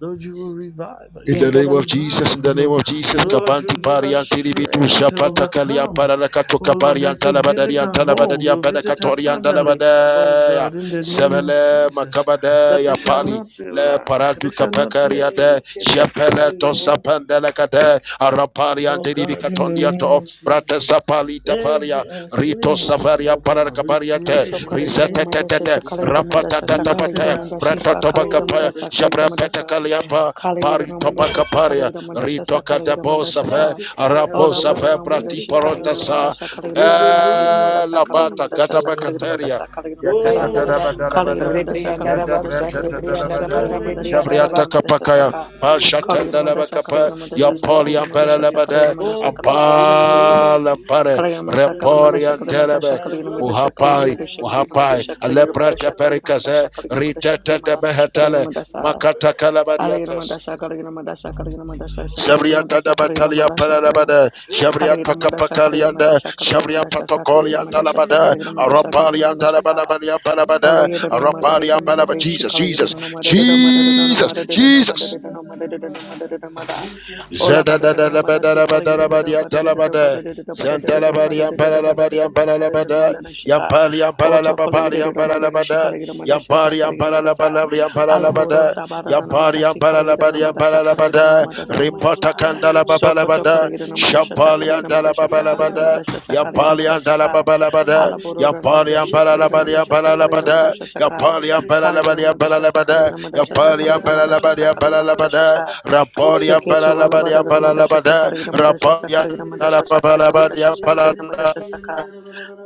Lord, you will revive her. In You the will name of revive Jesus, in her, the name Lord. of Jesus, Lord, you Kabanti give her Parian Tilibitu strength to Shapata Kalian overcome. Paranakato Oh, Lord, Kabarian that you visit Talabadarian her home. Talabadarian You visit her Benacatorian family. Oh, Dalabadaya God, in the name of Sevele Jesus that Makabadaya there shall Pali not be Le lack, Paratu there shall not be Kapakaria any de wickedness Shepele in the home. Tosapandelacade Araparian Oh God, in the Tilibicatondia name to of Brata Jesus, Sapali Taparia every Rito uncleanness, Savaria oh God, we Paranacabariate pray in the name Rizetete of Jesus, be blotted tapate out. Brata sa Oh kolegira Tobacapa Lord, that you will Shabra mandasa sanctify. Petacaliapa Kalagira Parito You Ramadasha must Pacaparia, Sakalagira Madasha sanctify Rito her heart, Sakalagira Madasha Sa kalegira mandasha Cadabosafe, sa sanctify her Ola Bada Arabosafe, home, Ramadashi sanctify her Kalagira life. Pratiporotasa, Madasha Kalagira In the Madasa Kalagira name of Madasa Kalagira Elabata, Jesus, Madasha oh Sakalagira God. Catabacateria, Madasa Kalagira Madasa Oh, Rebriandaraba, Yatatabadalabada, Kaliyanamadasa, Kushikita rebriandaraba, Kaliyanamadasa, Rabakatanda. Kaliyanamadasa, Yadabratatatalabada, Oh, every Kaliyanamadasa, Zabriata rebriandaraba, Kaliyanamadasa, practice Capacaya, Ka- of witchcraft, Kaliyanamadasa, Pashatandalabacapa, sorcery, Kaliyanamadasa, black Yapolian Kaliyanamadasa, magic. Paralabada, Kaliyanamadasa, Oh God, in Kaliyanamadasa, the name Kaliyanamadasa, of Ampalampare, Jesus, Kaliyanamadasa, that you Kaliyanamadasa, will Reporian visit Telebe, by the blood. Kaliyanamadasa, In the Muhapai, name Kaliyanamadasa, of Jesus, Muhapai, visit by the blood Aleprata Kaliyanamadasa, Kaliyanamadasa, of Pericaze, Jesus. Kaliyanamadasa, Kaliyanamadasa, Kaliyanamadasa, That Ritata the yoke Kaliyanamadasa, be behetele restored, Kaliyanamadasa. Makata burdens be removed. Calabadiates. Aliyanamadasa, Kaliyanamadasa, Kaliyanamadasa, Oh God, in Shabriata the da Kaliyanamadasa, name of Batalia Kaliyanamadasa, Jesus. Kaliyanamadasa. Parabada, Oh, Kalira Shabriata Madasha Kalira Capacalianda, Madasha Karabakatanga. Kalira Shabria Madasha Sakalira Patocolian Yekete Madasha Talabada, Sakalira Madasha Kalira Araparian Madasha Ka Talabalabania Parabada, Olayira no Araparian Madarina Balaba, Madade Jesus, Shikalira Jesus, no Madarina Madarina no Jesus, Madarina no Jesus. Madarina no Madarina no Madarina Mada Ola Zada da Badada da no da ba da Madasi da ba da da Kalira ba no ya Badada tala ba no da Badada no Zanta Badada la no ba ya Badada para no la ba ya Badada no para la ba Madarina no da Madana ya Shika para ya para la Oto ba para Kalira ya no para la Madari ba da Shikalira ya Madasha para ya Sakalira para la ba Madasa la ya para la ba Alaboro da Tabara ya no para ya Madasi para la Kalira ba no ya para Madasa la ba Kalira no da Madarina reporta Madasa kandala ba ba la ba Sokoto da Kaligina Madasha shampali Sakalina andala ba Madasha ba la ba Sakalina da Madasha ya Sakalina pali andala ba Madasaka ba la ba da ya Alaborona para ya Madasha para la Kalina ba ya Madasha para la ba Sakalina da Madasha ya Saka pali ya para la ba Kalina ya para Madasha la ba da Sakalina ya Madasha pali ya Sakalina para la Madasha ba ya para Sakalina la ba Madasha da Sa Raporia Seketu Alabara Balalabadia Madasha Balalabada, Sakalina Madasha Raporia Sakalina Madasha Sakalina Madasha Dalabalabadia Sakalina Balalia Madasha Saka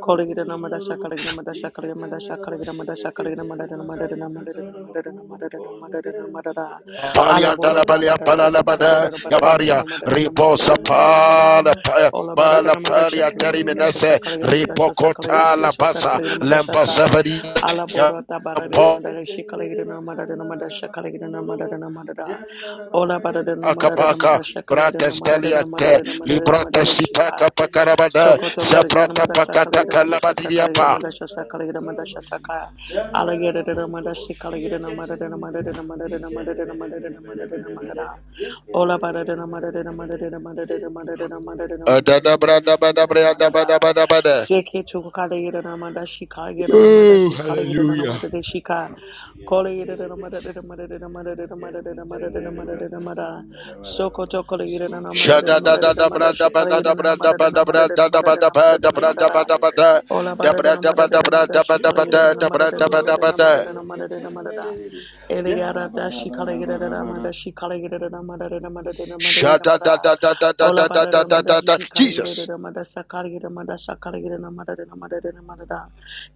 Kolegina Madasha Kaligna Madasha Kaligna Madasha Kaligna Madasha Kaligna Madana Madana Madana Madana Madana Madana Madana Alaboro da Dalabalia Badada Balalabada, Badada Yabaria, Badada Madana Ribosa Madana Madana Mada Pala Ola Bala Badana Madasha Palia Kaligna Eketenere Madasha Teriminese, bashiye Sakaligna ketene Madasha Sakaligna Ripocota La Madasha Basa, okotokoro Sakaligna Madasha boshi Lempa Sa Severi, kitara bakati Alaboro da Badada Yampo Madasha reketenere Kaligna Madana bakanara Madasha Kaligna bakundorobo Madana Madada yandara Ola Badada bakayanara Madada bashi akabaka Madasha kitere Kaligna bekita Bratastelia Madana te Madana Madana yukutaka librata Madada rebe sipaka Shika ketene pakarabada Sokoto Kolegira yakatara seprata Madasa pakata Kolegira bakurobo Madasha kuye kalabadiria Sakalegira pa ketere Madasha bakaya Sakalegira katara Madasha bashi Saka yandara Alligator bakuro Madashi boshi Kalegira Madadena ketenere Madadena Madadena dikere Madadena bere bere Madadena bere Madadena bere bere Madada yekere Ola bere bere Badadena bere Madadena bere bere Madadena Madadena you Madadena Madadena Madadena adada Madadena brada bada Madadena brada bada Madada Seke Chukalegira Madashi Kalegira Oh, Madashi Kalegira hallelujah. Madadeshika Shada da da da bra da ba da da bra da ba da bra da da ba da ba da bra da ba da ba da Ola da bara bra dana da mara ba da dana bra mara da ba da shikala ba gira could da dana talk da a mara bra de da na ba mara da total ba of dana mara da. she, dana mara dana mara da. Ele a gara da shikala gira dana mara shikala gira dana mara dana mara dana mara de na Shada da mara. da da da da Ola da da bara da dana da mara da da. shikala gira Jesus. dana mara sakala gira dana mara sakala gira dana mara de na mara dana mara da.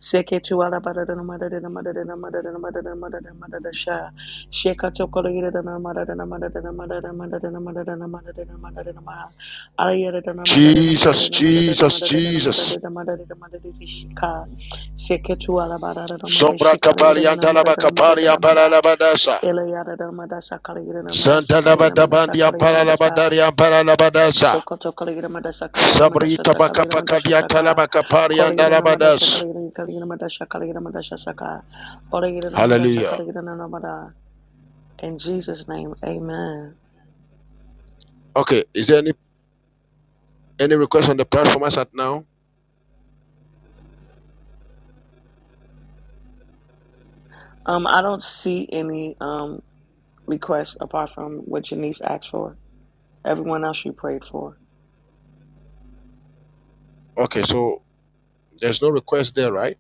Seketuala Badadana Madadana Madadana Madadana Madadana Madadana Madadana Sha Shekatokolayadana Madadana Madadana Madadana Madadana Madadana Madadana Madadana Ma Arayadana Madadana Jesus, Madadana Madadana Jesus, Madadana Jesus. Madadana Madadana Madadana Shika Seketuala Badadana Sombra kapali Madashikalayadana antalaba Madadana kapali Madadana ampara Madadana labadasa. Eleyadana Madasa Kalayadana Madasa Santa Kalayadana Madasa labatabandi Kaligana ampara Madasa labadari ampara labadasa. Sokoto Kaligina Madasa Kaligina Sabri Madasha tabaka Sakaligina pakadi Madasha Saka atalaba kapari Kaligina Madasha andalabadas. Kaligina Kaligina Madasha Kaligina Madasha Saka Oligina Madasa Hallelujah. Kaligina Namada in Jesus name amen Okay, is there any Any request on the platform as at now? um I don't see any um requests apart from what Janice asked for everyone else she prayed for Okay, so there's no request there, right?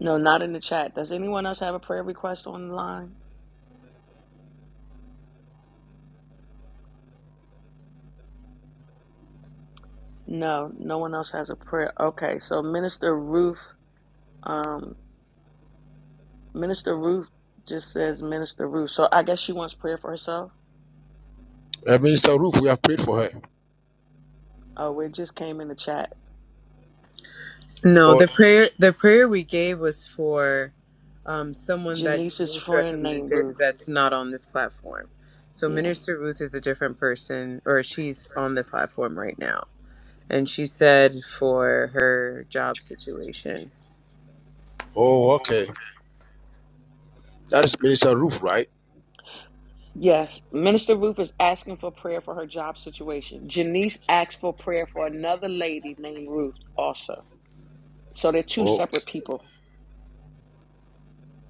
no not in the chat does anyone else have a prayer request online no no one else has a prayer okay so Minister Ruth um, Minister Ruth just says Minister Ruth. So I guess she wants prayer for herself. Uh, Minister Roof, we have prayed for her. Oh, well, it just came in the chat. No, Oh, the prayer the prayer we gave was for um, someone that Janice's Denise friend named recommended Ruth. that's not on this platform. So Yeah. Minister Ruth is a different person, or she's on the platform right now, and she said for her job situation, oh, okay. That is Minister Roof, right? Yes. Minister Ruth is asking for prayer for her job situation. Janice asks for prayer for another lady named Ruth also. So they're two Oh, separate people.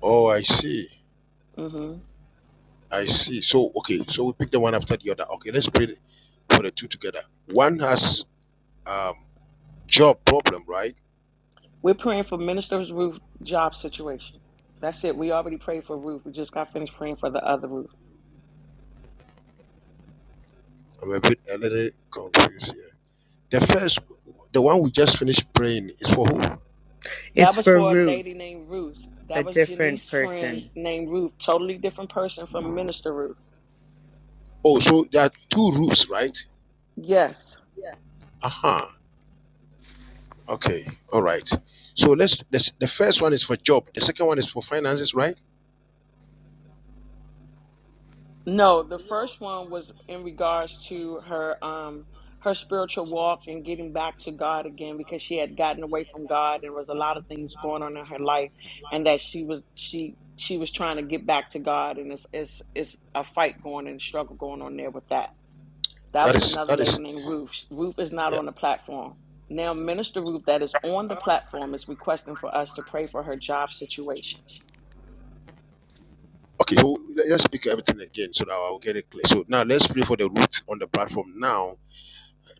oh, I see. hmm I see. So, okay, so we pick the one after the other. Okay, let's pray for the two together. One has um, job problem, right? We're praying for Minister Ruth job situation. That's it. We already prayed for Ruth. We just got finished praying for the other Ruth. I'm a bit a little confused here. The first, the one we just finished praying is for who? it's That was for for a lady Ruth, named Ruth. a That was different Janice's friend's person. named Ruth. Totally different person from Minister Ruth. Oh, so there are two roofs, right? Yes. Aha. Uh-huh. Okay. All right. So let's, let's the first one is for job. The second one is for finances, right? No, the first one was in regards to her um her spiritual walk and getting back to God again because she had gotten away from God and was a lot of things going on in her life and that she was she she was trying to get back to God and it's it's it's a fight going and struggle going on there with that. That That was is another that lady is named Ruth. Sh- Ruth is not yeah. on the platform. Now, Minister Ruth, that is on the platform, is requesting for us to pray for her job situation. Okay. So let- let's speak everything again so that I'll get it clear. So now let's pray for the root on the platform now.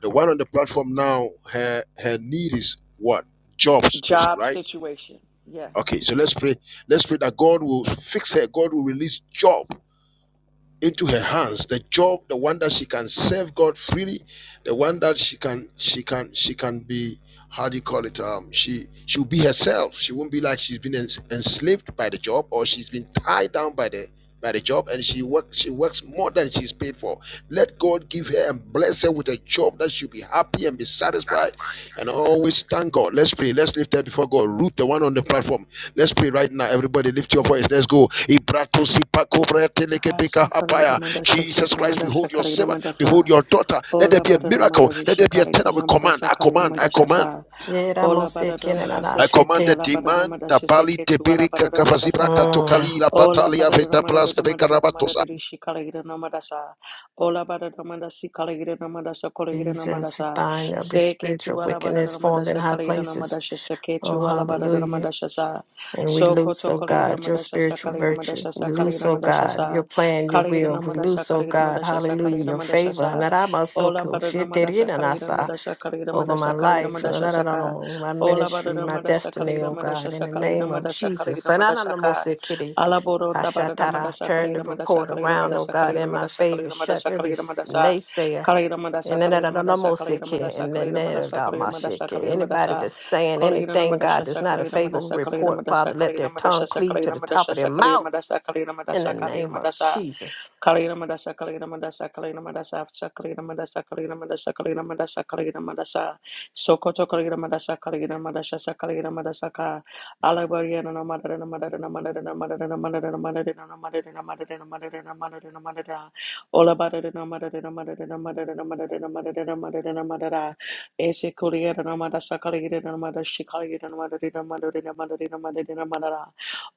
The one on the platform now, her her need is what? Job situation, Job right? situation. Yes. Okay. So let's pray. Let's pray that God will fix her. God will release job. into her hands the job the one that she can serve god freely the one that she can she can she can be how do you call it um she she'll be herself she won't be like she's been ens- enslaved by the job or she's been tied down by the by the job and she works she works more than she's paid for let god give her and bless her with a job that she'll be happy and be satisfied and always thank God. Let's pray. Let's lift that before God. Root the one on the platform. Let's pray right now. Everybody lift your voice. Let's go. Ibrato sipa kobra telekepeka hapaya. Jesus Christ, behold your servant. Behold your daughter. Let there be a miracle. Let there be a tenor. We command. I command. I command. I command Yeramosikinanashete. the demand. Tabali teberika kavazibra Mm. katokali la Ola patalia bara da veta mada pras da tebeka mada da mada rabatosa. da rishi kala gira na mada sa. Ola bara da mada si kala gira na mada sa kala gira na mada Jesus, sa. bind every Se ke spiritual tu ala bara wickedness da mada formed in sa high kala gira na mada places. sa se ke Oh, tu ala bara da hallelujah. mada sa sa. And we So lose, koto to oh gira na God, your mada sa sa spiritual kala gira mada virtue. sa sa We kala lose, gira oh mada sa God, your sa. plan, your Kala gira will. na We mada sa lose, oh kala gira God, mada sa sa kala hallelujah, gira your mada sa favor. sa. Ola bara da mada sa kala gira Naramasokoshiterenanasa. mada sa kala gira over mada my sa kala gira life, mada uh, sa da- da- sa da- da- ka. with my Ola bara ministry, da my mada sa kala destiny, gira oh mada sa God, in sa the kala gira name of mada sa kala Jesus. gira And mada I'm sa the ka. most of kitty. Alaboro tabarara Hashatara, madasa turn the kalegira madasa report kalegira around, oh madasa God, kalegira in my madasa favor. kalegira Shut madasa every s- naysayer. kalegira madasa And then that kalegira madasa I'm kalegira Kitty, madasa and then kalegira that madasa about kalegira madasa kalegira my shit. madasa Kitty. kalegira Anybody madasa that's saying kalegira anything, God, that's not a favorable madasa kalegira madasa kalegira report, madasa Father, let kalegira their tongue madasa cleave to kalegira madasa kalegira the top madasa of their mouth kalegira in madasa the kalegira name of madasa Jesus. Kalina Madasa, Kalina Madasa, Kalina Madasa, Sakalina Madasa, Kalina Madasa, Kalina Madasa, Kalina Madasa, Sokoto Kalina Madasa, Kalina Madasa, Sakalina Madasaka, Alabariana, Madana, Madana, Madana, Madana, Madana, Madana, Madana, Madana, Madana, Madana, Madana, Ola Badana, Madana, Madana, Madana, Madana, Madana, Madana, Madana, Ese Kuliana, Madasa, Kalina, Madashikali, Madana, Madana, Madana, Madana, Madana, Madana,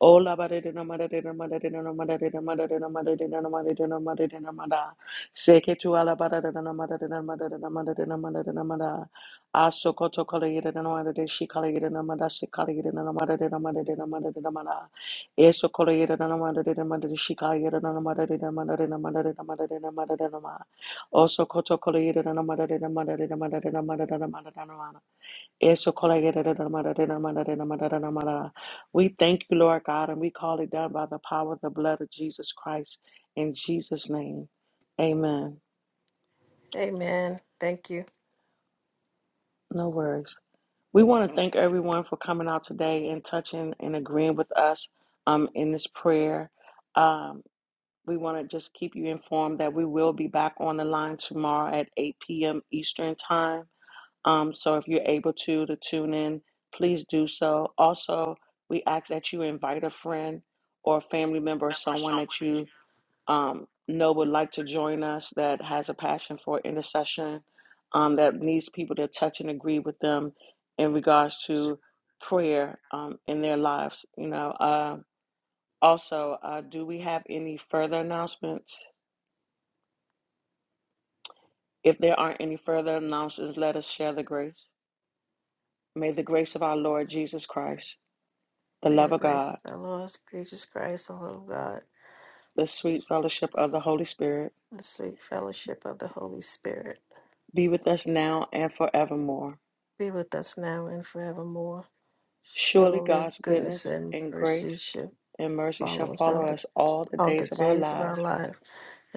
Ola barerena marerena marerena marerena marerena marerena marerena marerena mara. Seke tu ala barerena marerena marerena marerena marerena mara. Aso koto kala yerena marerena shi kala yerena mara se kala yerena marerena marerena marerena mara. Eso kala yerena marerena marerena shi kala yerena marerena marerena marerena marerena marerena mara. Oso koto kala yerena marerena marerena marerena marerena marerena mara. We thank you, Lord God, and we call it done by the power of the blood of Jesus Christ in Jesus' name. Amen. Amen. Thank you. No worries. We want to thank everyone for coming out today and touching and agreeing with us um, in this prayer. Um, we want to just keep you informed that we will be back on the line tomorrow at 8 p.m. Eastern Time. Um, so if you're able to to tune in, please do so. Also, we ask that you invite a friend or a family member or someone that you um, know would like to join us that has a passion for intercession, um, that needs people to touch and agree with them in regards to prayer um, in their lives. You know. Uh, also, uh, do we have any further announcements? If there aren't any further announcements, let us share the grace. May the grace of our Lord Jesus Christ the May love the of grace God, of our Lord Jesus Christ, the love of God the sweet fellowship of the Holy Spirit the sweet fellowship of the Holy Spirit be with us now and forevermore. be with us now and forevermore. Surely Surely God's goodness goodness and and mercy grace shall and mercy shall follow us all follow the, us all the all the days of our days of lives, our life,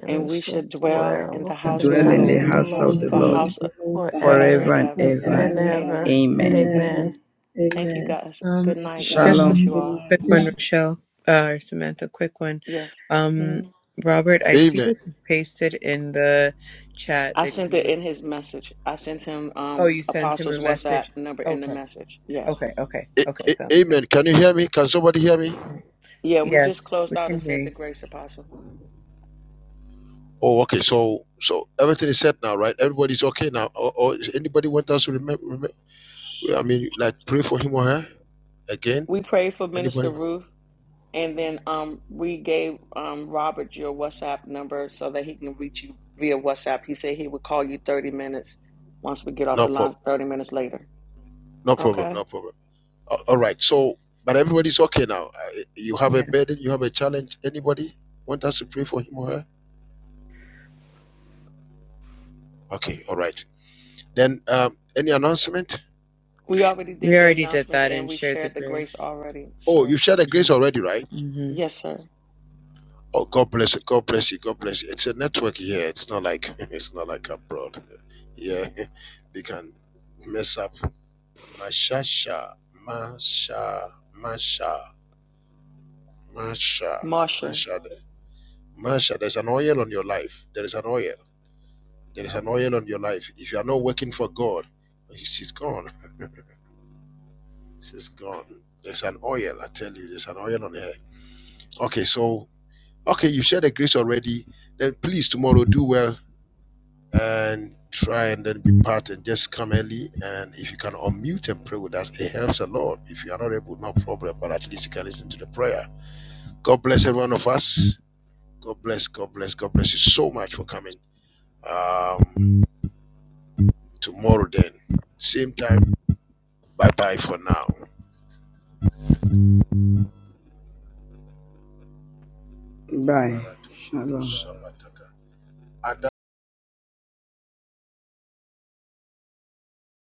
and we and we shall shall dwell in the dwell I house in the of the dwell in the house of Lord the house of Lord the for Lord house forever forever forever and and ever. ever. and ever. Amen. Amen. Amen. Thank you Amen. guys. Um, Good night and God just bless Shalom. you all. Quick one, Rochelle, uh, or Samantha, quick one. Yes. Um, hmm Robert, I see Amen. that you pasted in the chat I that sent you it would. in his message. I sent him Oh, um you sent him Apostle's a WhatsApp message. number in the Okay, message. Yes. okay, okay, A- okay. a- Sounds amen. Can you hear me? Can somebody hear me? good. Yeah, we just Yes, we closed out can and hear said the you. grace apostle. Oh, okay. So, so everything is set now, right? Everybody's okay now. Or, or is anybody want us to remember? I mean, like pray for him or her again. We prayed for Minister Anybody? Ruth, and then um, we gave um, Robert your WhatsApp number so that he can reach you via WhatsApp. He said he would call you 30 minutes once we get off No the line, problem. 30 minutes later. No problem. Okay. No problem. A- All right. So, but everybody's okay now. Uh, You have a burden. Yes, You have a challenge. Anybody want us to pray for him or her? Okay. All right. Then, um, any announcement? We already we did the already did announcements that and and we shared the shared the grace grace. already, Oh, sir. you shared the grace already, right? hmm Yes, sir. Oh, God bless you. God bless you. God bless you. It's a network here. It's not like <laughs> it's not like abroad. Yeah, <laughs> they can mess up Mashasha, Masha, Masha, Masha, Marsha. Masha. Masha, there's an oil on your life. There is an oil. There is an oil on your life. If you are not working for God, she's gone. She's gone. There's an oil, I tell you, there's an oil on her. Okay, so, okay, you shared the grace already. Then please, tomorrow, do well and try and then be part and just come early. And if you can unmute and pray with us, it helps a lot. If you are not able, no problem, but at least you can listen to the prayer God bless every one of us. God bless, God bless, God bless you so much for coming. Um, tomorrow then, same time. Bye bye for now. Bye. Shalom.